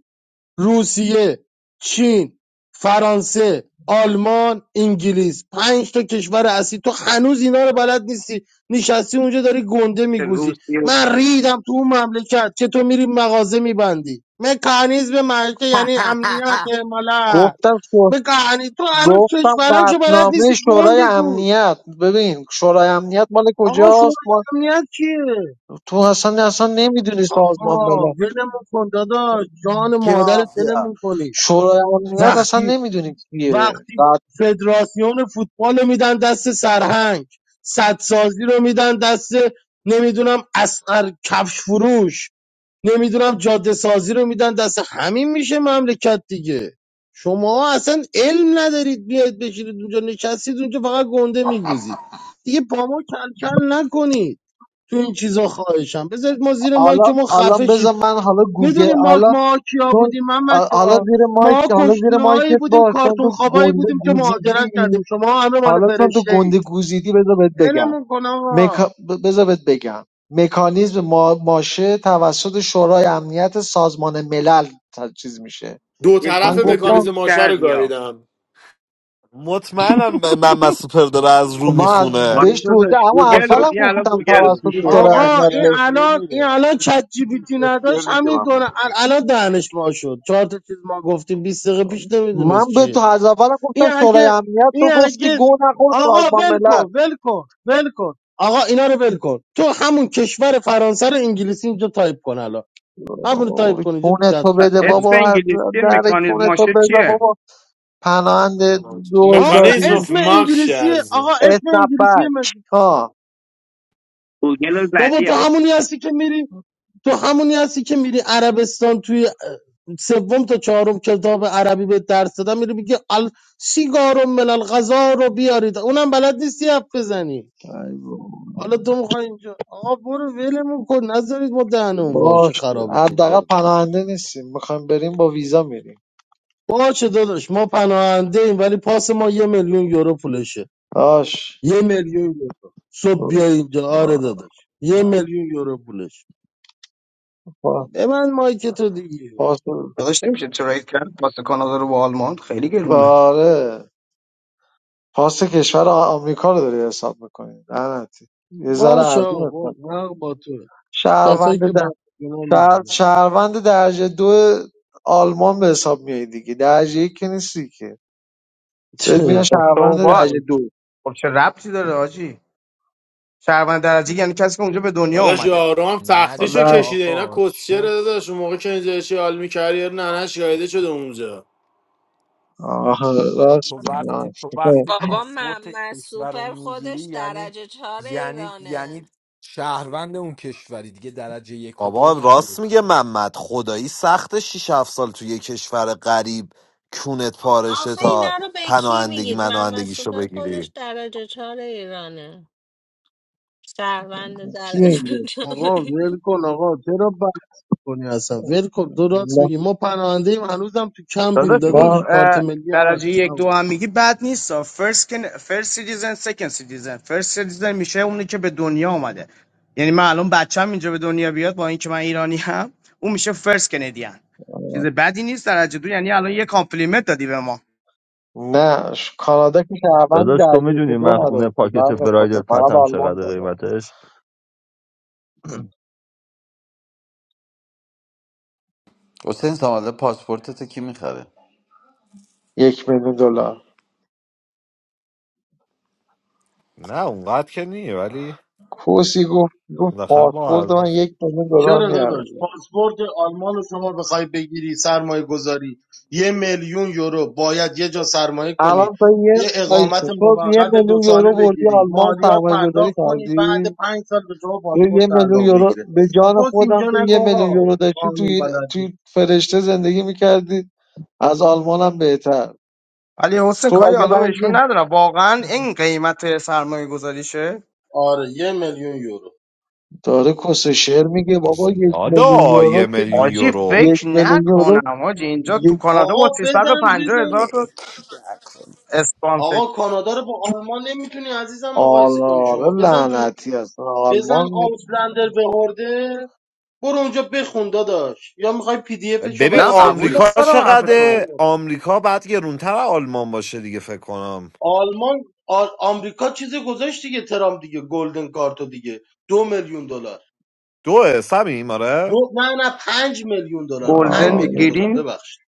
Speaker 13: روسیه، چین، فرانسه، آلمان، انگلیس پنج تا کشور اصلی تو هنوز اینا رو بلد نیستی نشستی اونجا داری گنده میگوزی
Speaker 7: روسیه
Speaker 13: من ریدم تو اون مملکت چطور میری مغازه میبندی مکانیزم معیشت یعنی امنیت ملت
Speaker 12: گفتم شو...
Speaker 13: مکانی تو هنوز
Speaker 12: گفتم
Speaker 13: کشورها که بلد
Speaker 12: قطعنامه
Speaker 13: نیستی
Speaker 12: شورای
Speaker 13: گنده گوز
Speaker 12: امنیت ببین شورای امنیت مال
Speaker 13: آقا شما
Speaker 12: کجاست
Speaker 13: امنیت چیه
Speaker 12: تو اصلا اصلا نمیدونی سازمان
Speaker 13: آقا
Speaker 12: ملل
Speaker 13: ولمون کن داداش جان
Speaker 10: کی
Speaker 13: مادرت
Speaker 10: مافیا
Speaker 13: ولمون کنی
Speaker 12: شورای امنیت اصلا
Speaker 13: وقتی
Speaker 12: نمیدونی کیه
Speaker 13: وقتی
Speaker 12: بعد
Speaker 13: فدراسیون فوتبال رو میدن دست سرهنگ سدسازی رو میدن دست نمیدونم اسقر کفش فروش نمیدونم جاده سازی رو میدن دست همین میشه مملکت دیگه شما اصلا علم ندارید بیاید بشینید اونجا نشستید اونجا فقط گنده میگوزید دیگه با ما کلکل نکنید تو این چیزا خواهشم بذارید ما زیر مایک
Speaker 12: حالا
Speaker 13: ما
Speaker 12: حالا
Speaker 13: خفه شیم.
Speaker 12: بذار من حالا گوگل
Speaker 13: میدونی ما
Speaker 12: حالا
Speaker 13: ما کیا
Speaker 12: چون
Speaker 13: بودیم محمد
Speaker 12: آ- حالا
Speaker 13: جان
Speaker 12: زیر
Speaker 13: ما
Speaker 12: مایک حالا زیر
Speaker 13: گشتیهایی
Speaker 12: مایکت
Speaker 13: بودیم
Speaker 12: باش چون
Speaker 13: کارتون
Speaker 12: تو
Speaker 13: خوابایی
Speaker 12: گنده
Speaker 13: بودیم که مهاجرت کردیم
Speaker 12: گوزیدی
Speaker 13: شما همه مال
Speaker 12: حالا چون تو
Speaker 13: فرشته اید
Speaker 12: گنده گوزیدی بذار بهت بگم
Speaker 13: ولمون کن
Speaker 12: مکا...
Speaker 13: آقا
Speaker 12: ب- بذار بهت بگم مکانیزم ما... ماشه توسط شورای امنیت سازمان ملل تا- چیز میشه
Speaker 8: دو
Speaker 7: یه
Speaker 8: طرف
Speaker 12: من
Speaker 7: گوگل
Speaker 12: گفتم
Speaker 8: مکانیزم
Speaker 7: ریز
Speaker 8: ماشه رو
Speaker 7: کردی
Speaker 8: گاهیدم
Speaker 1: مطمئنم ب- محمد سوپر داره از
Speaker 12: خب
Speaker 1: رو
Speaker 12: من از
Speaker 1: میخونه
Speaker 7: آره
Speaker 12: بهش
Speaker 7: داداش
Speaker 12: توضیح اما
Speaker 7: گوگل
Speaker 2: اصلا
Speaker 7: بود
Speaker 12: اولم
Speaker 7: این الان
Speaker 12: گفتم
Speaker 7: گوگل
Speaker 2: داره
Speaker 7: بود
Speaker 2: تو
Speaker 12: توسط
Speaker 2: شورای
Speaker 12: شورای
Speaker 13: آقا
Speaker 12: امنیت
Speaker 13: این
Speaker 2: امنیت
Speaker 13: الان این
Speaker 2: نمیره
Speaker 13: الان چت جی
Speaker 2: اصلا
Speaker 13: پی تی
Speaker 2: کشتر
Speaker 13: نداشت
Speaker 2: میگه
Speaker 13: همین
Speaker 2: من
Speaker 13: دونه ال-
Speaker 2: برسه.
Speaker 13: الان دهنش وا شد چهار تا چیز ما گفتیم 20 دقیقه پیش نمیدونست
Speaker 12: من به تو
Speaker 13: چیه
Speaker 12: از اولم
Speaker 13: این
Speaker 12: گفتم شورای
Speaker 13: اگه
Speaker 12: امنیت تو
Speaker 13: این
Speaker 12: گفتی
Speaker 13: اگه
Speaker 12: گو نخور
Speaker 13: آقا
Speaker 12: سازمان
Speaker 13: ول
Speaker 12: ملل
Speaker 13: کن ول کن ول کن آقا اینا رو ول کن تو همون کشور فرانسه رو انگلیسی اینجا تایپ کن الان همون رو تایپ
Speaker 12: آی،
Speaker 13: کن اینجا تو
Speaker 12: کونه
Speaker 13: چت
Speaker 12: تو بده
Speaker 13: روم.
Speaker 7: اسم
Speaker 12: بابا از
Speaker 7: انگلیسی
Speaker 12: در
Speaker 7: مکانیزم
Speaker 12: کونه تو
Speaker 7: ماشه
Speaker 12: بذار
Speaker 7: چیه
Speaker 12: بابا پناهند
Speaker 13: آف
Speaker 8: مکانیزم
Speaker 12: دوزاری
Speaker 8: آف
Speaker 13: اسم
Speaker 8: ماکش
Speaker 13: انگلیسیه
Speaker 8: از
Speaker 13: آقا اسم
Speaker 12: اسنپ
Speaker 13: انگلیسیه
Speaker 12: بک
Speaker 13: مگه
Speaker 12: ها
Speaker 7: گوگل رو
Speaker 13: بابا
Speaker 7: زدی
Speaker 13: تو
Speaker 7: ها
Speaker 13: همونی هستی که میری تو همونی هستی که میری عربستان توی سوم تا چهارم کتاب عربی به درس دادن میری میگه ال سیگار ملل غذا رو بیارید اونم بلد نیستی حرف بزنی
Speaker 12: ای بابا.
Speaker 13: حالا تو میخوای اینجا آقا برو ولمون کن نذارید ما دهنمون واشه
Speaker 12: باش
Speaker 13: خرابتون
Speaker 12: حداقل
Speaker 13: کنیم
Speaker 12: پناهنده نیستیم میخوایم بریم با ویزا میریم
Speaker 13: باشه داداش ما پناهنده ایم ولی پاس ما یه میلیون یورو پولشه
Speaker 12: باش
Speaker 13: یه میلیون یورو صبح بیا اینجا آره داداش یه میلیون یورو پولشه
Speaker 12: پا-
Speaker 13: به من مایک تو دیگه
Speaker 12: پاس
Speaker 7: داداش نمیشه تریس واسه کانادا رو با آلمان خیلی گرونه
Speaker 12: آره پاس کشور آ- آمریکا رو داری حساب میکنی لعنتی یه ذره
Speaker 13: باش آقا
Speaker 12: ارزون
Speaker 13: باش
Speaker 12: حساب کن
Speaker 13: حق با تو کسایی که
Speaker 12: شهروند
Speaker 13: با اینا
Speaker 12: شهر-
Speaker 13: میدونم
Speaker 12: شهروند درجه دو آلمان به حساب میای دیگه درجه یک که نیستی که بهت میگن شهروند
Speaker 7: استوبات
Speaker 12: درجه دو
Speaker 7: خب چه ربطی داره آجی شهروند درجه یعنی کسی که اونجا به دنیا
Speaker 8: داداش
Speaker 7: اومده
Speaker 8: یارو هم تختیشو
Speaker 15: ندید
Speaker 12: در
Speaker 8: کشیده اینا
Speaker 15: آقا
Speaker 8: کسچه
Speaker 15: شرط
Speaker 8: داداش اون موقع که اینجا چی حال میکردی یارو ننش گاهیده شده اونجا
Speaker 12: آها
Speaker 15: آقا
Speaker 12: راست
Speaker 15: تو
Speaker 12: میگی، آه.
Speaker 15: وقتی تو وقتی
Speaker 16: بابا
Speaker 15: پاسپورت
Speaker 16: محمد
Speaker 15: کشور رو
Speaker 16: سوپر
Speaker 15: میگیری
Speaker 16: خودش
Speaker 15: یعنی
Speaker 16: درجه چهار
Speaker 15: یعنی
Speaker 16: ایرانه
Speaker 15: یعنی شهروند اون کشوری دیگه درجه یک و
Speaker 1: بابا
Speaker 15: دو نداره
Speaker 1: راست میگه
Speaker 15: که.
Speaker 1: محمد خدایی سخت 6 7 سال توی یه کشور غریب کونت
Speaker 16: خب،
Speaker 1: پارشه
Speaker 16: آخه
Speaker 1: تا
Speaker 16: اینا رو به کی
Speaker 1: پناهندگی
Speaker 16: میگید محمد
Speaker 1: مناهندگیشو
Speaker 16: سوپر خودش
Speaker 1: بگیری
Speaker 16: درجه چهار ایرانه شهروند
Speaker 12: کی
Speaker 16: درجه
Speaker 12: میگه؟
Speaker 16: چهار
Speaker 13: آقا ول کن آقا چرا بحث کنی اصلا ول کن درست
Speaker 12: ما
Speaker 13: میگی ما پناهنده ایم هنوزم تو کمپیم
Speaker 7: داداش اون
Speaker 13: داداش
Speaker 12: ما-
Speaker 13: کارت
Speaker 7: اه،
Speaker 13: ملی هم
Speaker 7: درجه یک
Speaker 13: نداریم
Speaker 7: دو هم میگی بد نیست فرست که فرست سیتیزن سکند سیتیزن فرست سیتیزن میشه اونی که به دنیا اومده یعنی من الان بچم اینجا به دنیا بیاد با اینکه من ایرانی هم اون میشه فرست کندیان
Speaker 12: آه.
Speaker 7: چیز بدی نیست درجه دو یعنی الان یه کامپلیمنت دادی به ما
Speaker 12: نه ش- کانادا که شهروند
Speaker 3: داداش تو
Speaker 12: درجه یک
Speaker 3: میدونی
Speaker 12: دو
Speaker 3: من
Speaker 12: نداره
Speaker 3: خونه
Speaker 12: که
Speaker 3: پاکت
Speaker 12: بند خدا
Speaker 3: برایدل
Speaker 12: فقط
Speaker 3: پتم
Speaker 12: آلمان
Speaker 3: چقدر
Speaker 12: داره
Speaker 3: قیمتش
Speaker 10: حسین ساماله پاسپورتت کی میخره
Speaker 12: یک میلیون دلار
Speaker 1: نه اونقدر که نیه ولی
Speaker 12: کوسی گفت گفت
Speaker 1: بالاخره با
Speaker 12: پاسپورت
Speaker 1: ارزشه.
Speaker 12: من یک میلیون دلار
Speaker 13: چرا داداش
Speaker 12: میارزه
Speaker 13: پاسپورت آلمان رو شما بخوای بگیری سرمایه گذاری یه میلیون یورو باید یه جا سرمایه کنی
Speaker 12: الان تو یه
Speaker 13: یه اقامت
Speaker 12: آیسته تو یه
Speaker 13: موقت دو
Speaker 12: میلیون
Speaker 13: ساله
Speaker 12: یورو بردی
Speaker 13: بگیری
Speaker 12: آلمان
Speaker 13: مالیات
Speaker 12: سرمایه گذاری
Speaker 13: پرداخت کنی بعد
Speaker 12: کردی
Speaker 13: پنج سال به شما
Speaker 12: یه
Speaker 13: پاسپورت
Speaker 12: یه میلیون
Speaker 13: تعلق
Speaker 12: یورو
Speaker 13: بگیره
Speaker 12: به جان
Speaker 13: خود اینجا
Speaker 12: خودم تو
Speaker 13: نگو
Speaker 12: یه میلیون
Speaker 13: آقا
Speaker 12: یورو داشتی تو
Speaker 13: قانون
Speaker 12: ایل-
Speaker 13: بلد
Speaker 12: تو
Speaker 13: نیست
Speaker 12: فرشته زندگی میکردی از آلمان هم بهتر
Speaker 7: ولی حسین
Speaker 12: تو
Speaker 7: کاری
Speaker 12: اگه
Speaker 7: حالا بهشون
Speaker 12: رنگ
Speaker 7: ندارم واقعا این قیمت سرمایه گذاریشه
Speaker 13: آره یه میلیون یورو
Speaker 12: داره کس شعر میگه بابا یک میلیون
Speaker 1: دادا
Speaker 12: یورو
Speaker 1: یه
Speaker 12: که
Speaker 1: میلیون
Speaker 7: آجی
Speaker 1: یورو
Speaker 12: یک
Speaker 7: فکر
Speaker 12: میلیون یورو
Speaker 7: نکنم آجی اینجا تو
Speaker 12: یک
Speaker 7: کانادا با
Speaker 13: آقا بزن
Speaker 7: 350 هزار
Speaker 13: بزن
Speaker 7: تا اسپانسر
Speaker 13: آقا کانادا رو با آلمان نمیتونی عزیزم مقایسه کنی
Speaker 12: آره
Speaker 13: شما بزن تو
Speaker 12: لعنتی هستن
Speaker 13: بزن
Speaker 12: آلمان می-
Speaker 13: آوسلندر به هورده برو اونجا بخون داداش یا میخوای پی دی افشو
Speaker 1: ببین
Speaker 7: نه
Speaker 13: برات
Speaker 7: قبول
Speaker 1: آمریکا
Speaker 13: بفرستم
Speaker 7: دارم حرف
Speaker 13: آره
Speaker 7: تو
Speaker 1: چقدر آمریکا بعد گرونتر از آلمان باشه دیگه فکر کنم
Speaker 13: آلمان آ- آمریکا چیزی گذاشت دیگه ترامپ دیگه گلدن کارتو دیگه دو میلیون دلار
Speaker 1: دوه سمیم آره
Speaker 13: دو نه نه پنج میلیون دلار پنج
Speaker 7: گلدن
Speaker 13: میلیون
Speaker 12: آره
Speaker 13: دلار
Speaker 7: گرین
Speaker 13: ببخشید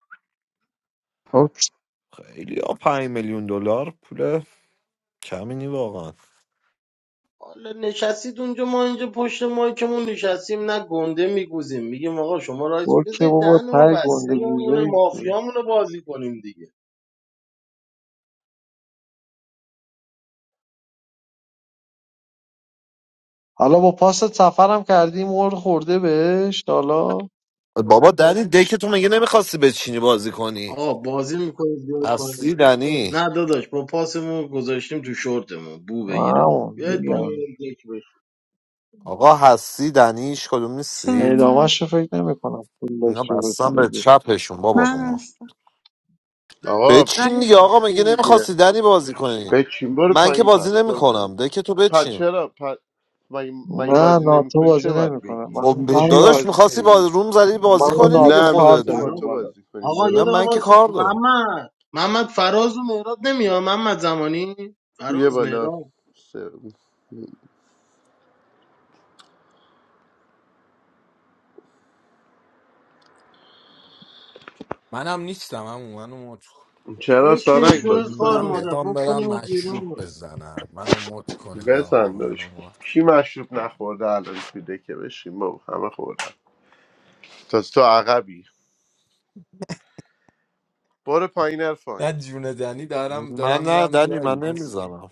Speaker 7: خب.
Speaker 1: خیلی ها پنج میلیون دلار پول کمی نی واقعا
Speaker 13: حالا نشستید اونجا ما اینجا پشت مایکمون نشستیم نه گنده میگوزیم میگیم آقا شما رایت
Speaker 12: برو که
Speaker 13: بذارید
Speaker 12: بابا
Speaker 13: دهن ما
Speaker 12: تای
Speaker 13: بسته
Speaker 12: گنده گوزه
Speaker 13: بمونه مافیامونو بازی کنیم دیگه
Speaker 12: حالا با پاس سفرم کردی مور خورده بهش حالا
Speaker 1: بابا دنی دک تو مگه نمیخواستی بچینی بازی کنی
Speaker 13: آقا بازی میکنید بیاید
Speaker 1: هستی دنی
Speaker 13: نه داداش با پاسمون گذاشتیم تو شورتمون بو بگیره
Speaker 12: همون
Speaker 13: بیاید
Speaker 12: میگم
Speaker 13: پایین یک بشه.
Speaker 1: آقا هستی دنی هیچ کدوم
Speaker 4: چرا
Speaker 1: نیستید
Speaker 4: من
Speaker 12: اعدامش رو فکر نمی کنم پول
Speaker 1: اینا
Speaker 12: داشته
Speaker 1: بستن به
Speaker 12: باشه
Speaker 1: چپشون بابا رو
Speaker 4: من
Speaker 1: ما
Speaker 4: هستم
Speaker 2: آقا
Speaker 1: بچین
Speaker 4: رای
Speaker 1: دیگه آقا مگه
Speaker 2: هستیم دیگه
Speaker 1: نمیخواستی دنی بازی کنی
Speaker 2: بچین برو
Speaker 1: من که
Speaker 2: پایین
Speaker 1: بازی
Speaker 2: پس برو
Speaker 1: نمیکنم
Speaker 2: پایین
Speaker 1: ده که تو
Speaker 2: پس
Speaker 1: بچین
Speaker 2: چرا پس مگه, مگه
Speaker 12: نه
Speaker 2: بازی
Speaker 12: ناتو
Speaker 2: نمیکنی
Speaker 12: بازی
Speaker 2: چه باید
Speaker 12: نمیکنه من
Speaker 2: بگی
Speaker 1: خب
Speaker 12: من
Speaker 2: بشین
Speaker 12: نا-
Speaker 1: داداش
Speaker 2: بازی
Speaker 1: میخواستی با
Speaker 2: کنیم
Speaker 1: روم زدی
Speaker 12: من
Speaker 1: بازی
Speaker 12: و
Speaker 1: کنی دیگه
Speaker 12: ناتو
Speaker 2: نه
Speaker 12: کار
Speaker 1: خودت
Speaker 2: میخواستیم با
Speaker 12: داریم این
Speaker 13: فراز
Speaker 2: تو
Speaker 12: بالا
Speaker 2: بازی کنیم
Speaker 13: آقا یه
Speaker 1: من
Speaker 2: برو
Speaker 1: من
Speaker 13: دقیقه
Speaker 1: که
Speaker 13: وایس
Speaker 1: کار دارم
Speaker 13: محمد محمد فراز و مهراد نمیاد محمد زمانی
Speaker 2: یه
Speaker 13: فراز
Speaker 2: بالا
Speaker 13: مهراد
Speaker 2: سه-
Speaker 15: منم نیستم هم منو
Speaker 2: چرا
Speaker 13: بشین
Speaker 2: سارنگ
Speaker 13: شوی
Speaker 2: بازی کن
Speaker 13: خار
Speaker 15: من
Speaker 2: دیگه
Speaker 13: مادر
Speaker 15: میخوام برم
Speaker 13: بکنیمت
Speaker 15: مشروب
Speaker 13: بیرون
Speaker 15: بزنم منو مت کنید آقا
Speaker 2: بزن
Speaker 15: منو
Speaker 2: داشت
Speaker 15: مت
Speaker 2: کی مشروب نخورده الان تو دکه بشین بابا همه خوردن تا تو عقبی برو پایین ارفان
Speaker 15: نه جون دنی دارم
Speaker 1: من
Speaker 15: دارم
Speaker 1: نه
Speaker 15: میرم
Speaker 1: دنی من
Speaker 15: جایی نیست
Speaker 1: نمیزنم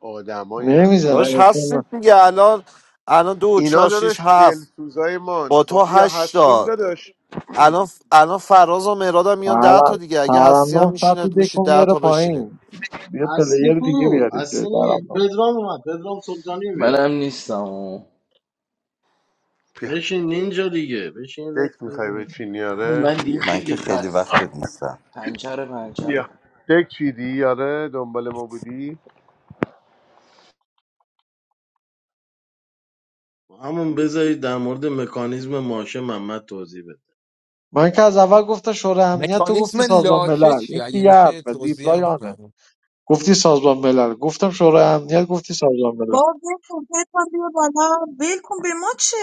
Speaker 2: آدمایی هستن
Speaker 1: داداش
Speaker 12: نمیزنه
Speaker 1: هستی دیگه الان الان دو
Speaker 2: اینا
Speaker 1: چهار شیش
Speaker 2: داداش
Speaker 1: هفت
Speaker 2: دلسوزای من
Speaker 1: با تو
Speaker 2: خب بیا
Speaker 1: هشت
Speaker 2: هستیم
Speaker 1: تا
Speaker 2: داداش
Speaker 1: الان الان فراز و مهراد هم میان ده تا دیگه اگه هستی هم
Speaker 12: ترنم سطح
Speaker 1: میشینه میشید
Speaker 12: دکو
Speaker 1: ده
Speaker 12: میاره
Speaker 1: تا بشینید
Speaker 12: پایین یه
Speaker 13: هستی
Speaker 12: پلیر دیگه
Speaker 13: کو
Speaker 12: بیارید جای
Speaker 13: هستی نی
Speaker 12: ترنم
Speaker 13: پدرام اومد پدرام سلطانی بیار
Speaker 6: منم نیستم آه.
Speaker 2: بیا
Speaker 13: بشین نینجا دیگه بشین دست
Speaker 2: دک میخوای
Speaker 13: بزن
Speaker 2: بچینی آره
Speaker 6: من دیگه
Speaker 2: بیا
Speaker 10: من که
Speaker 6: خیلی
Speaker 10: خیلی وقت
Speaker 6: خستم
Speaker 10: نیستم
Speaker 6: پنجره پنجره
Speaker 2: بیا دک چیدی آره دنبال ما بودی
Speaker 13: همون بذارید در مورد مکانیزم ماشه محمد توضیح بده
Speaker 12: من که از اول گفتم شورای امنیت تو گفتی
Speaker 15: مکانیزم
Speaker 12: سازمان
Speaker 15: لاشه
Speaker 12: ملل این
Speaker 15: چیه
Speaker 12: که
Speaker 15: اگه
Speaker 12: یه
Speaker 15: میشه
Speaker 12: حرفه
Speaker 15: توضیح
Speaker 12: ریپلای
Speaker 15: هم
Speaker 12: آنه
Speaker 15: کنم
Speaker 12: گفتی سازمان ملل گفتم شورای امنیت گفتی سازمان ملل
Speaker 4: با ول کن پدرام بیا بالا ول کن به ما چه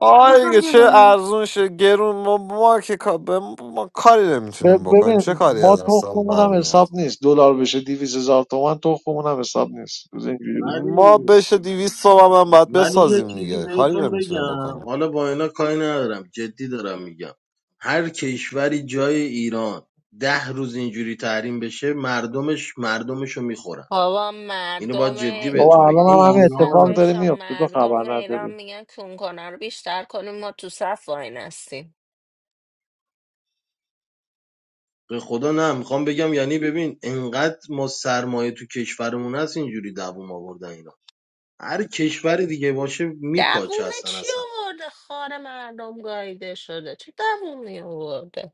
Speaker 1: آره
Speaker 4: پدرام
Speaker 1: دیگه
Speaker 4: بیا
Speaker 1: چه
Speaker 4: بالا
Speaker 1: ارزون شه گرون ما, ما که کا- به ما, ما کاری نمیتونیم
Speaker 12: ب-
Speaker 1: بکنیم
Speaker 12: ببین
Speaker 1: چه کاری
Speaker 12: ما
Speaker 1: از دستمون
Speaker 12: تخممون هم
Speaker 1: برمیاد
Speaker 12: حساب نیست دلار بشه 200 هزار تومن تخممون هم حساب نیست
Speaker 1: ما
Speaker 13: ولی
Speaker 1: بشه دیویست صبح هم باید
Speaker 13: ولی یه
Speaker 1: بسازیم
Speaker 13: چیزی
Speaker 1: دیگه کاری
Speaker 13: بهتون
Speaker 1: نمیتونیم
Speaker 13: بگم
Speaker 1: بکنیم
Speaker 13: حالا با اینا کاری ندارم جدی دارم میگم هر کشوری جای ایران ده روز اینجوری تحریم بشه مردمش مردمشو میخورن
Speaker 16: بابا
Speaker 13: اینو
Speaker 16: مردم
Speaker 13: باید جدی بهتون
Speaker 12: بابا الان
Speaker 13: بگم این
Speaker 12: هم
Speaker 16: بابا
Speaker 12: همین اتفاق
Speaker 13: ایرانه
Speaker 12: داره
Speaker 16: خفش
Speaker 12: میفته تو خبر
Speaker 16: مردم ایران
Speaker 12: نداری
Speaker 16: میگن کنکنه رو بیشتر کنیم ما تو صف واین هستیم
Speaker 13: به خدا نه میخوام بگم یعنی ببین انقدر ما سرمایه تو کشورمون هست اینجوری دووم آوردن اینا هر کشور دیگه باشه میپاچه
Speaker 16: دووم
Speaker 13: هستن
Speaker 16: چی
Speaker 13: اصلا
Speaker 16: آورده خار مردم گاییده شده چه دوومی آورده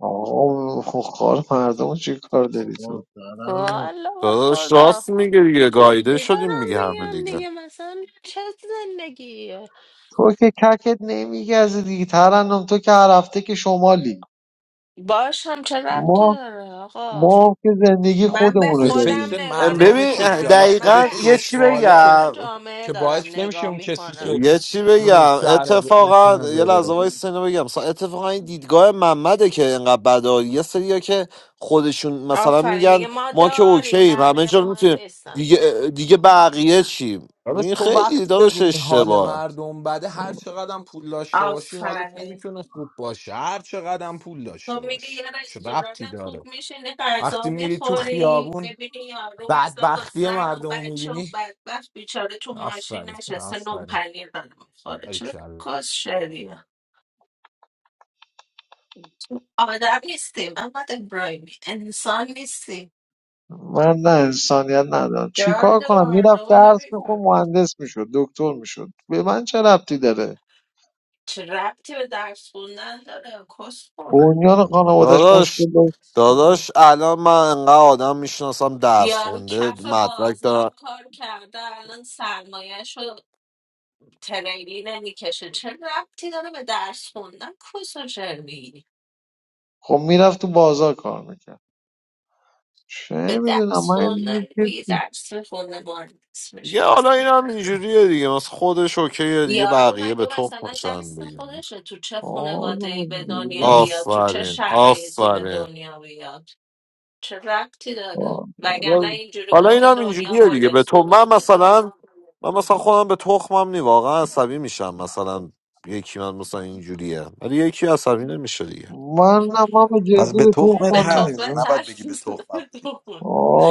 Speaker 12: آه خار مردم چی کار داری تو
Speaker 13: آقا
Speaker 16: والا به
Speaker 1: داداش
Speaker 16: خدا
Speaker 1: راست میگه دیگه گایده
Speaker 16: جدی
Speaker 1: شدیم
Speaker 16: دارم
Speaker 1: دیگه همه
Speaker 16: میگم
Speaker 1: دیگه
Speaker 16: دیگه مثلا چه زندگیه
Speaker 12: تو که ککت نمیگزه دیگه ترنم تو که هر هفته که شمالی
Speaker 16: باش هم چه ربطی
Speaker 12: ما
Speaker 16: داره آقا
Speaker 12: ما هم که زندگی
Speaker 16: من به
Speaker 12: خودمونو
Speaker 15: به
Speaker 16: خودم
Speaker 15: فکر
Speaker 12: داریم
Speaker 16: نگاه نمی
Speaker 1: ببین
Speaker 15: مردمشه
Speaker 1: اه،
Speaker 15: دیگه
Speaker 16: کنم
Speaker 15: حالا
Speaker 16: که من
Speaker 1: دقیقا
Speaker 16: به
Speaker 15: خودش تو
Speaker 1: یه چی
Speaker 15: اشغاله که
Speaker 16: اکثریت
Speaker 1: بگم
Speaker 16: جامعه
Speaker 15: که
Speaker 16: دارم
Speaker 15: باعث نمیشه
Speaker 16: نگاه
Speaker 15: اون کسی
Speaker 16: میکنم
Speaker 15: که
Speaker 1: یه چی
Speaker 15: نون
Speaker 1: بگم
Speaker 15: شهر ب- بتونه
Speaker 1: اتفاقا یه لحظه
Speaker 15: بره
Speaker 1: وای سنو بگم مثلا اتفاقا این دیدگاه محمده که اینقدر بده یه سریا که خودشون مثلا
Speaker 16: آفرین
Speaker 1: میگن
Speaker 16: میگه ما
Speaker 1: ما که
Speaker 16: داریم
Speaker 1: اوکییم همه
Speaker 16: بقیه
Speaker 1: جا رو
Speaker 16: مهم
Speaker 1: میتونیم
Speaker 16: نیستن
Speaker 1: دیگه دیگه بقیه چیم
Speaker 15: حالا
Speaker 1: این
Speaker 15: تو وقتی
Speaker 1: خیلی داداش
Speaker 15: ببینی حال
Speaker 1: اشتباهه
Speaker 15: مردم بده هر چقدر پول داشته باشی حالت
Speaker 16: آفرین
Speaker 15: نمیتونه خوب باشه هر چقدر پول
Speaker 16: تو
Speaker 15: داشته
Speaker 16: میری
Speaker 15: باشی
Speaker 16: یه
Speaker 15: چه ربطی
Speaker 16: رستوران
Speaker 15: داره
Speaker 16: خوب میشینی غذا
Speaker 15: وقتی میری تو
Speaker 16: میخوری
Speaker 15: خیابون
Speaker 16: میبینی یارو مثلا با
Speaker 15: بدبختی
Speaker 16: زن و
Speaker 15: مردم رو
Speaker 16: بچه و
Speaker 15: میبینی
Speaker 16: بدبخت بیچاره تو ماشین
Speaker 15: آفرین
Speaker 16: نشسته نون
Speaker 15: آفرین
Speaker 16: پنیر داره میخوره چه
Speaker 15: باریکلا.
Speaker 16: کس شریه آدم نیستیم احمد ابراهیمی انسان نیستیم
Speaker 12: من نه انسانیت ندارم چیکار
Speaker 16: درد
Speaker 12: کنم میرفت
Speaker 16: مردم رو
Speaker 12: درس میخون
Speaker 16: نمیفهمیم
Speaker 12: مهندس میشد دکتر میشد به من چه ربطی داره
Speaker 16: چه ربطی به درس خوندن داره کس خور
Speaker 12: بنیان خانوادش
Speaker 1: داداش
Speaker 12: مشکل داشت
Speaker 1: داداش الان من انقدر آدم میشناسم درس
Speaker 16: یارو
Speaker 1: خونده
Speaker 16: کف
Speaker 1: مدرک
Speaker 16: بازار
Speaker 1: دارم
Speaker 16: کار کرده الان سرمایه تریلی نمیکشه چه ربطی داره به درس خوندن کسا چرمی
Speaker 12: خب میرفت تو بازار کار میکرد
Speaker 16: به
Speaker 12: چه میدونم
Speaker 16: درس
Speaker 12: من
Speaker 16: خوندن
Speaker 12: اینجوری که
Speaker 16: روی درس میخونه مهندس
Speaker 1: یه
Speaker 16: میشده
Speaker 1: حالا این هم اینجوریه دیگه مثلا خودش اوکیه دیگه
Speaker 16: یارو
Speaker 1: بقیه به
Speaker 16: مگه مثلا
Speaker 1: تخمشن
Speaker 16: دست
Speaker 1: دیگه
Speaker 16: خودشه تو چه خانواده
Speaker 12: آدم
Speaker 16: ای به دنیا
Speaker 12: دیگه.
Speaker 16: بیاد تو چه
Speaker 1: آفرین
Speaker 16: شرایطی به
Speaker 1: آفرین
Speaker 16: دنیا بیاد چه ربطی داره وگرنه
Speaker 1: حالا
Speaker 16: اینجوری
Speaker 1: حالا
Speaker 16: بود
Speaker 1: این
Speaker 16: که
Speaker 1: هم
Speaker 16: دنیا
Speaker 1: اینجوریه دیگه به تو
Speaker 16: گلستون
Speaker 1: من
Speaker 16: بود
Speaker 1: مثلا من مثلا خودم به تخمم نی واقعا عصبی میشم مثلا یکی من مثلا اینجوریه ولی یکی عصبی نمیشه دیگه
Speaker 12: من نه من به
Speaker 10: پس
Speaker 12: جدی
Speaker 10: به
Speaker 12: به
Speaker 10: تخمت
Speaker 16: به
Speaker 12: تخمم
Speaker 10: هست
Speaker 16: تخم
Speaker 12: نیست
Speaker 10: نباید
Speaker 16: ترس
Speaker 10: بگی به تخمم نیست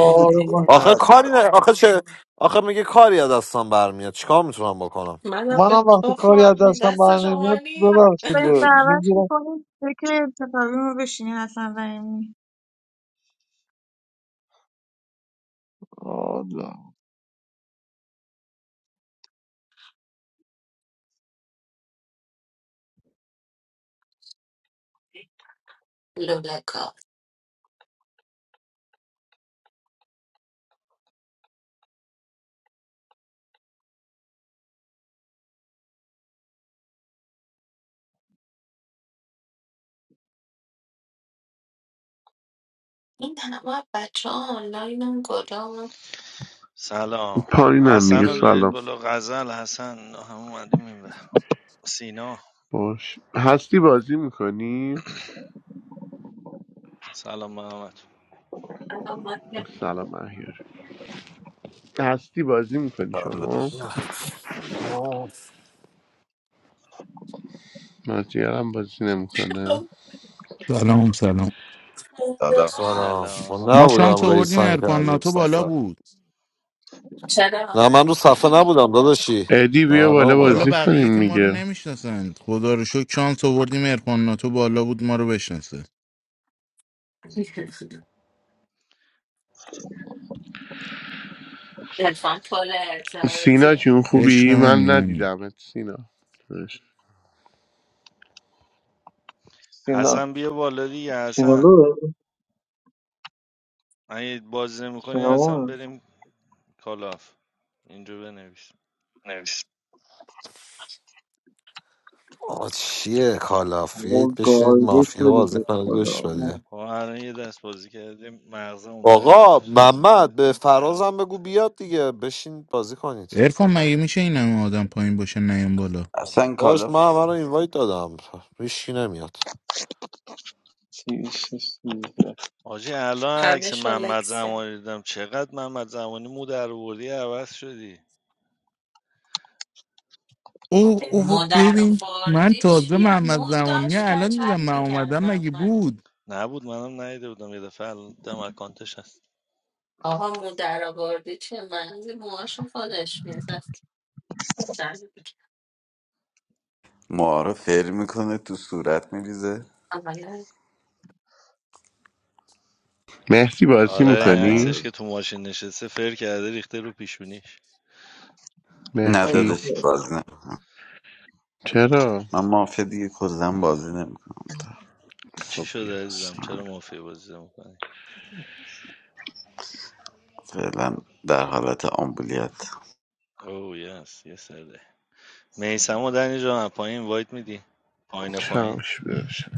Speaker 10: به
Speaker 12: من
Speaker 10: تخمت
Speaker 1: آخه
Speaker 10: هست
Speaker 1: کاری
Speaker 10: نباید
Speaker 1: نه آخه چه آخه میگه کاری از دستم برمیاد چیکار میتونم بکنم
Speaker 16: منم به
Speaker 12: منم وقتی کاری از
Speaker 16: تخمم نی،
Speaker 12: دستم
Speaker 16: دست
Speaker 12: بر
Speaker 16: شما
Speaker 12: نمیاد
Speaker 16: نی
Speaker 4: بریم
Speaker 12: ببخشید
Speaker 4: دعوت
Speaker 12: میگیرم
Speaker 4: میکنیم فکر انتخابی ما بشینیم حسن رحیمی
Speaker 12: آره
Speaker 16: لولکا این همه بچه ها آنلاین هم کدام
Speaker 17: Salam.
Speaker 2: پایینم
Speaker 17: Hassan,
Speaker 2: دیگه
Speaker 17: you are
Speaker 2: سلام
Speaker 17: up. Qazal Hassan. No, we are not talking about Sina.
Speaker 2: باش هستی بازی میکنی
Speaker 17: Salam, Muhammad.
Speaker 2: سلام احیار هستی بازی میکنی
Speaker 10: سلام
Speaker 2: شما
Speaker 10: داشت
Speaker 2: مازیارم بازی نمیکنه
Speaker 18: سلام سلام
Speaker 10: سلام سلام.
Speaker 1: سلام من
Speaker 18: ما
Speaker 17: Salam,
Speaker 18: شانس
Speaker 1: نبودم رئیس
Speaker 18: آوردیم
Speaker 17: Sina.
Speaker 1: سنگ
Speaker 18: ارفان
Speaker 1: تعبیر
Speaker 18: ناتو بالا
Speaker 1: سفر
Speaker 18: بود
Speaker 16: چرا
Speaker 1: نه من رو صفحه نبودم داداشی
Speaker 2: ادی
Speaker 1: من
Speaker 2: بیا
Speaker 1: الان
Speaker 2: بالا
Speaker 18: والا
Speaker 2: بازی
Speaker 1: اومدم
Speaker 18: بقیه که
Speaker 2: کنیم
Speaker 18: ما رو
Speaker 2: دیگه
Speaker 18: نمیشناسند خدا رو شکر شانس آوردیم ارفان ناتو بالا بود ما رو بشناسه
Speaker 16: تلفن پر
Speaker 2: سینا
Speaker 16: ارتباطیه
Speaker 2: جون
Speaker 18: عشق
Speaker 2: خوبی
Speaker 18: منی
Speaker 2: من
Speaker 18: نمی
Speaker 2: ندیدمت سینا باش.
Speaker 12: سینا
Speaker 17: Hassan, come up. You are
Speaker 12: سینا
Speaker 17: Hassan.
Speaker 12: لو
Speaker 17: You are going to come down.
Speaker 12: سینا
Speaker 17: Hassan, let's go to the roof. Write here.
Speaker 1: آه چیه کالافیت
Speaker 12: من
Speaker 1: بشینید
Speaker 12: گایده
Speaker 1: مافیا
Speaker 12: شدیم
Speaker 1: بازی
Speaker 12: به
Speaker 1: کنید گوش
Speaker 12: خدا
Speaker 1: بده
Speaker 12: من
Speaker 17: We are in a different position. We are in a different position.
Speaker 1: آقا محمد به فرازم بگو بیاد دیگه بشین بازی کنید
Speaker 18: ارفان مگه میشه این همه آدم پایین باشه نیم بالا
Speaker 10: اصلا
Speaker 1: داشت
Speaker 10: کالاف
Speaker 1: من همه رو اینوایت دادم هیچکی نمیاد
Speaker 12: چی- چی- چی.
Speaker 16: همه
Speaker 17: Now, I am going
Speaker 16: شلکس کرد
Speaker 17: to the table. What did I do?
Speaker 18: اوه اوه
Speaker 16: مادر
Speaker 18: ببین من
Speaker 16: آوردی
Speaker 18: تازه
Speaker 16: چیه
Speaker 18: محمد زمانی
Speaker 16: موداش
Speaker 18: الان دیدم
Speaker 16: کچل
Speaker 18: من
Speaker 16: میگن
Speaker 18: اومدم مگه
Speaker 16: محمد
Speaker 18: بود
Speaker 17: I am going to the table. What did I do? It was not. I did not know. It was a little bit difficult.
Speaker 16: آها مادر آوردی چیه منزی موهاشو خودش میزد کچل
Speaker 10: معارف فر میکنه تو صورت میریزه
Speaker 16: میگن
Speaker 2: مهدی
Speaker 17: Oh
Speaker 2: بازی
Speaker 17: yes, yes,
Speaker 2: میکنی مهدی
Speaker 10: ندادش بازی نه
Speaker 2: چرا
Speaker 10: من مافیا دیگه کلا بازی نمیکنم
Speaker 2: خب بیا
Speaker 10: فعلا در حالت آمبولیت
Speaker 17: I do. Me and Samo are in Japan. What do you think? Point to point.
Speaker 2: چمش برشن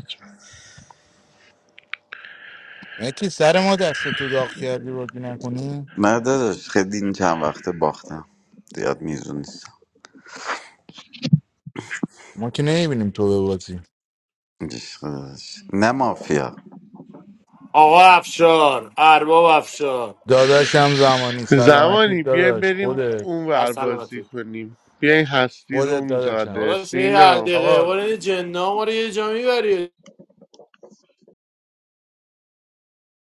Speaker 18: متی سر ما دست تو داغ کردی بازی نکنی
Speaker 10: نه داداش خیلی این چند وقته باختم زیاد میزون نیستم
Speaker 18: ما که نمیبینیم تو به بازی
Speaker 10: عشق داداش. نه مافیا
Speaker 8: آقا افشار ارباب افشار
Speaker 18: داداشم زمانی سلامتی
Speaker 2: زمانی بیایم
Speaker 18: داداش
Speaker 2: بریم
Speaker 18: خودت
Speaker 2: اون
Speaker 8: در
Speaker 2: ور
Speaker 8: سلامتی
Speaker 2: بازی کنیم بیاین هستی
Speaker 18: خودت
Speaker 2: روم
Speaker 18: داداشم
Speaker 2: زاده
Speaker 8: داداش یه هر
Speaker 2: سینا
Speaker 8: دقیقه
Speaker 18: آقا
Speaker 8: بار این جنا ما رو یه جا میبری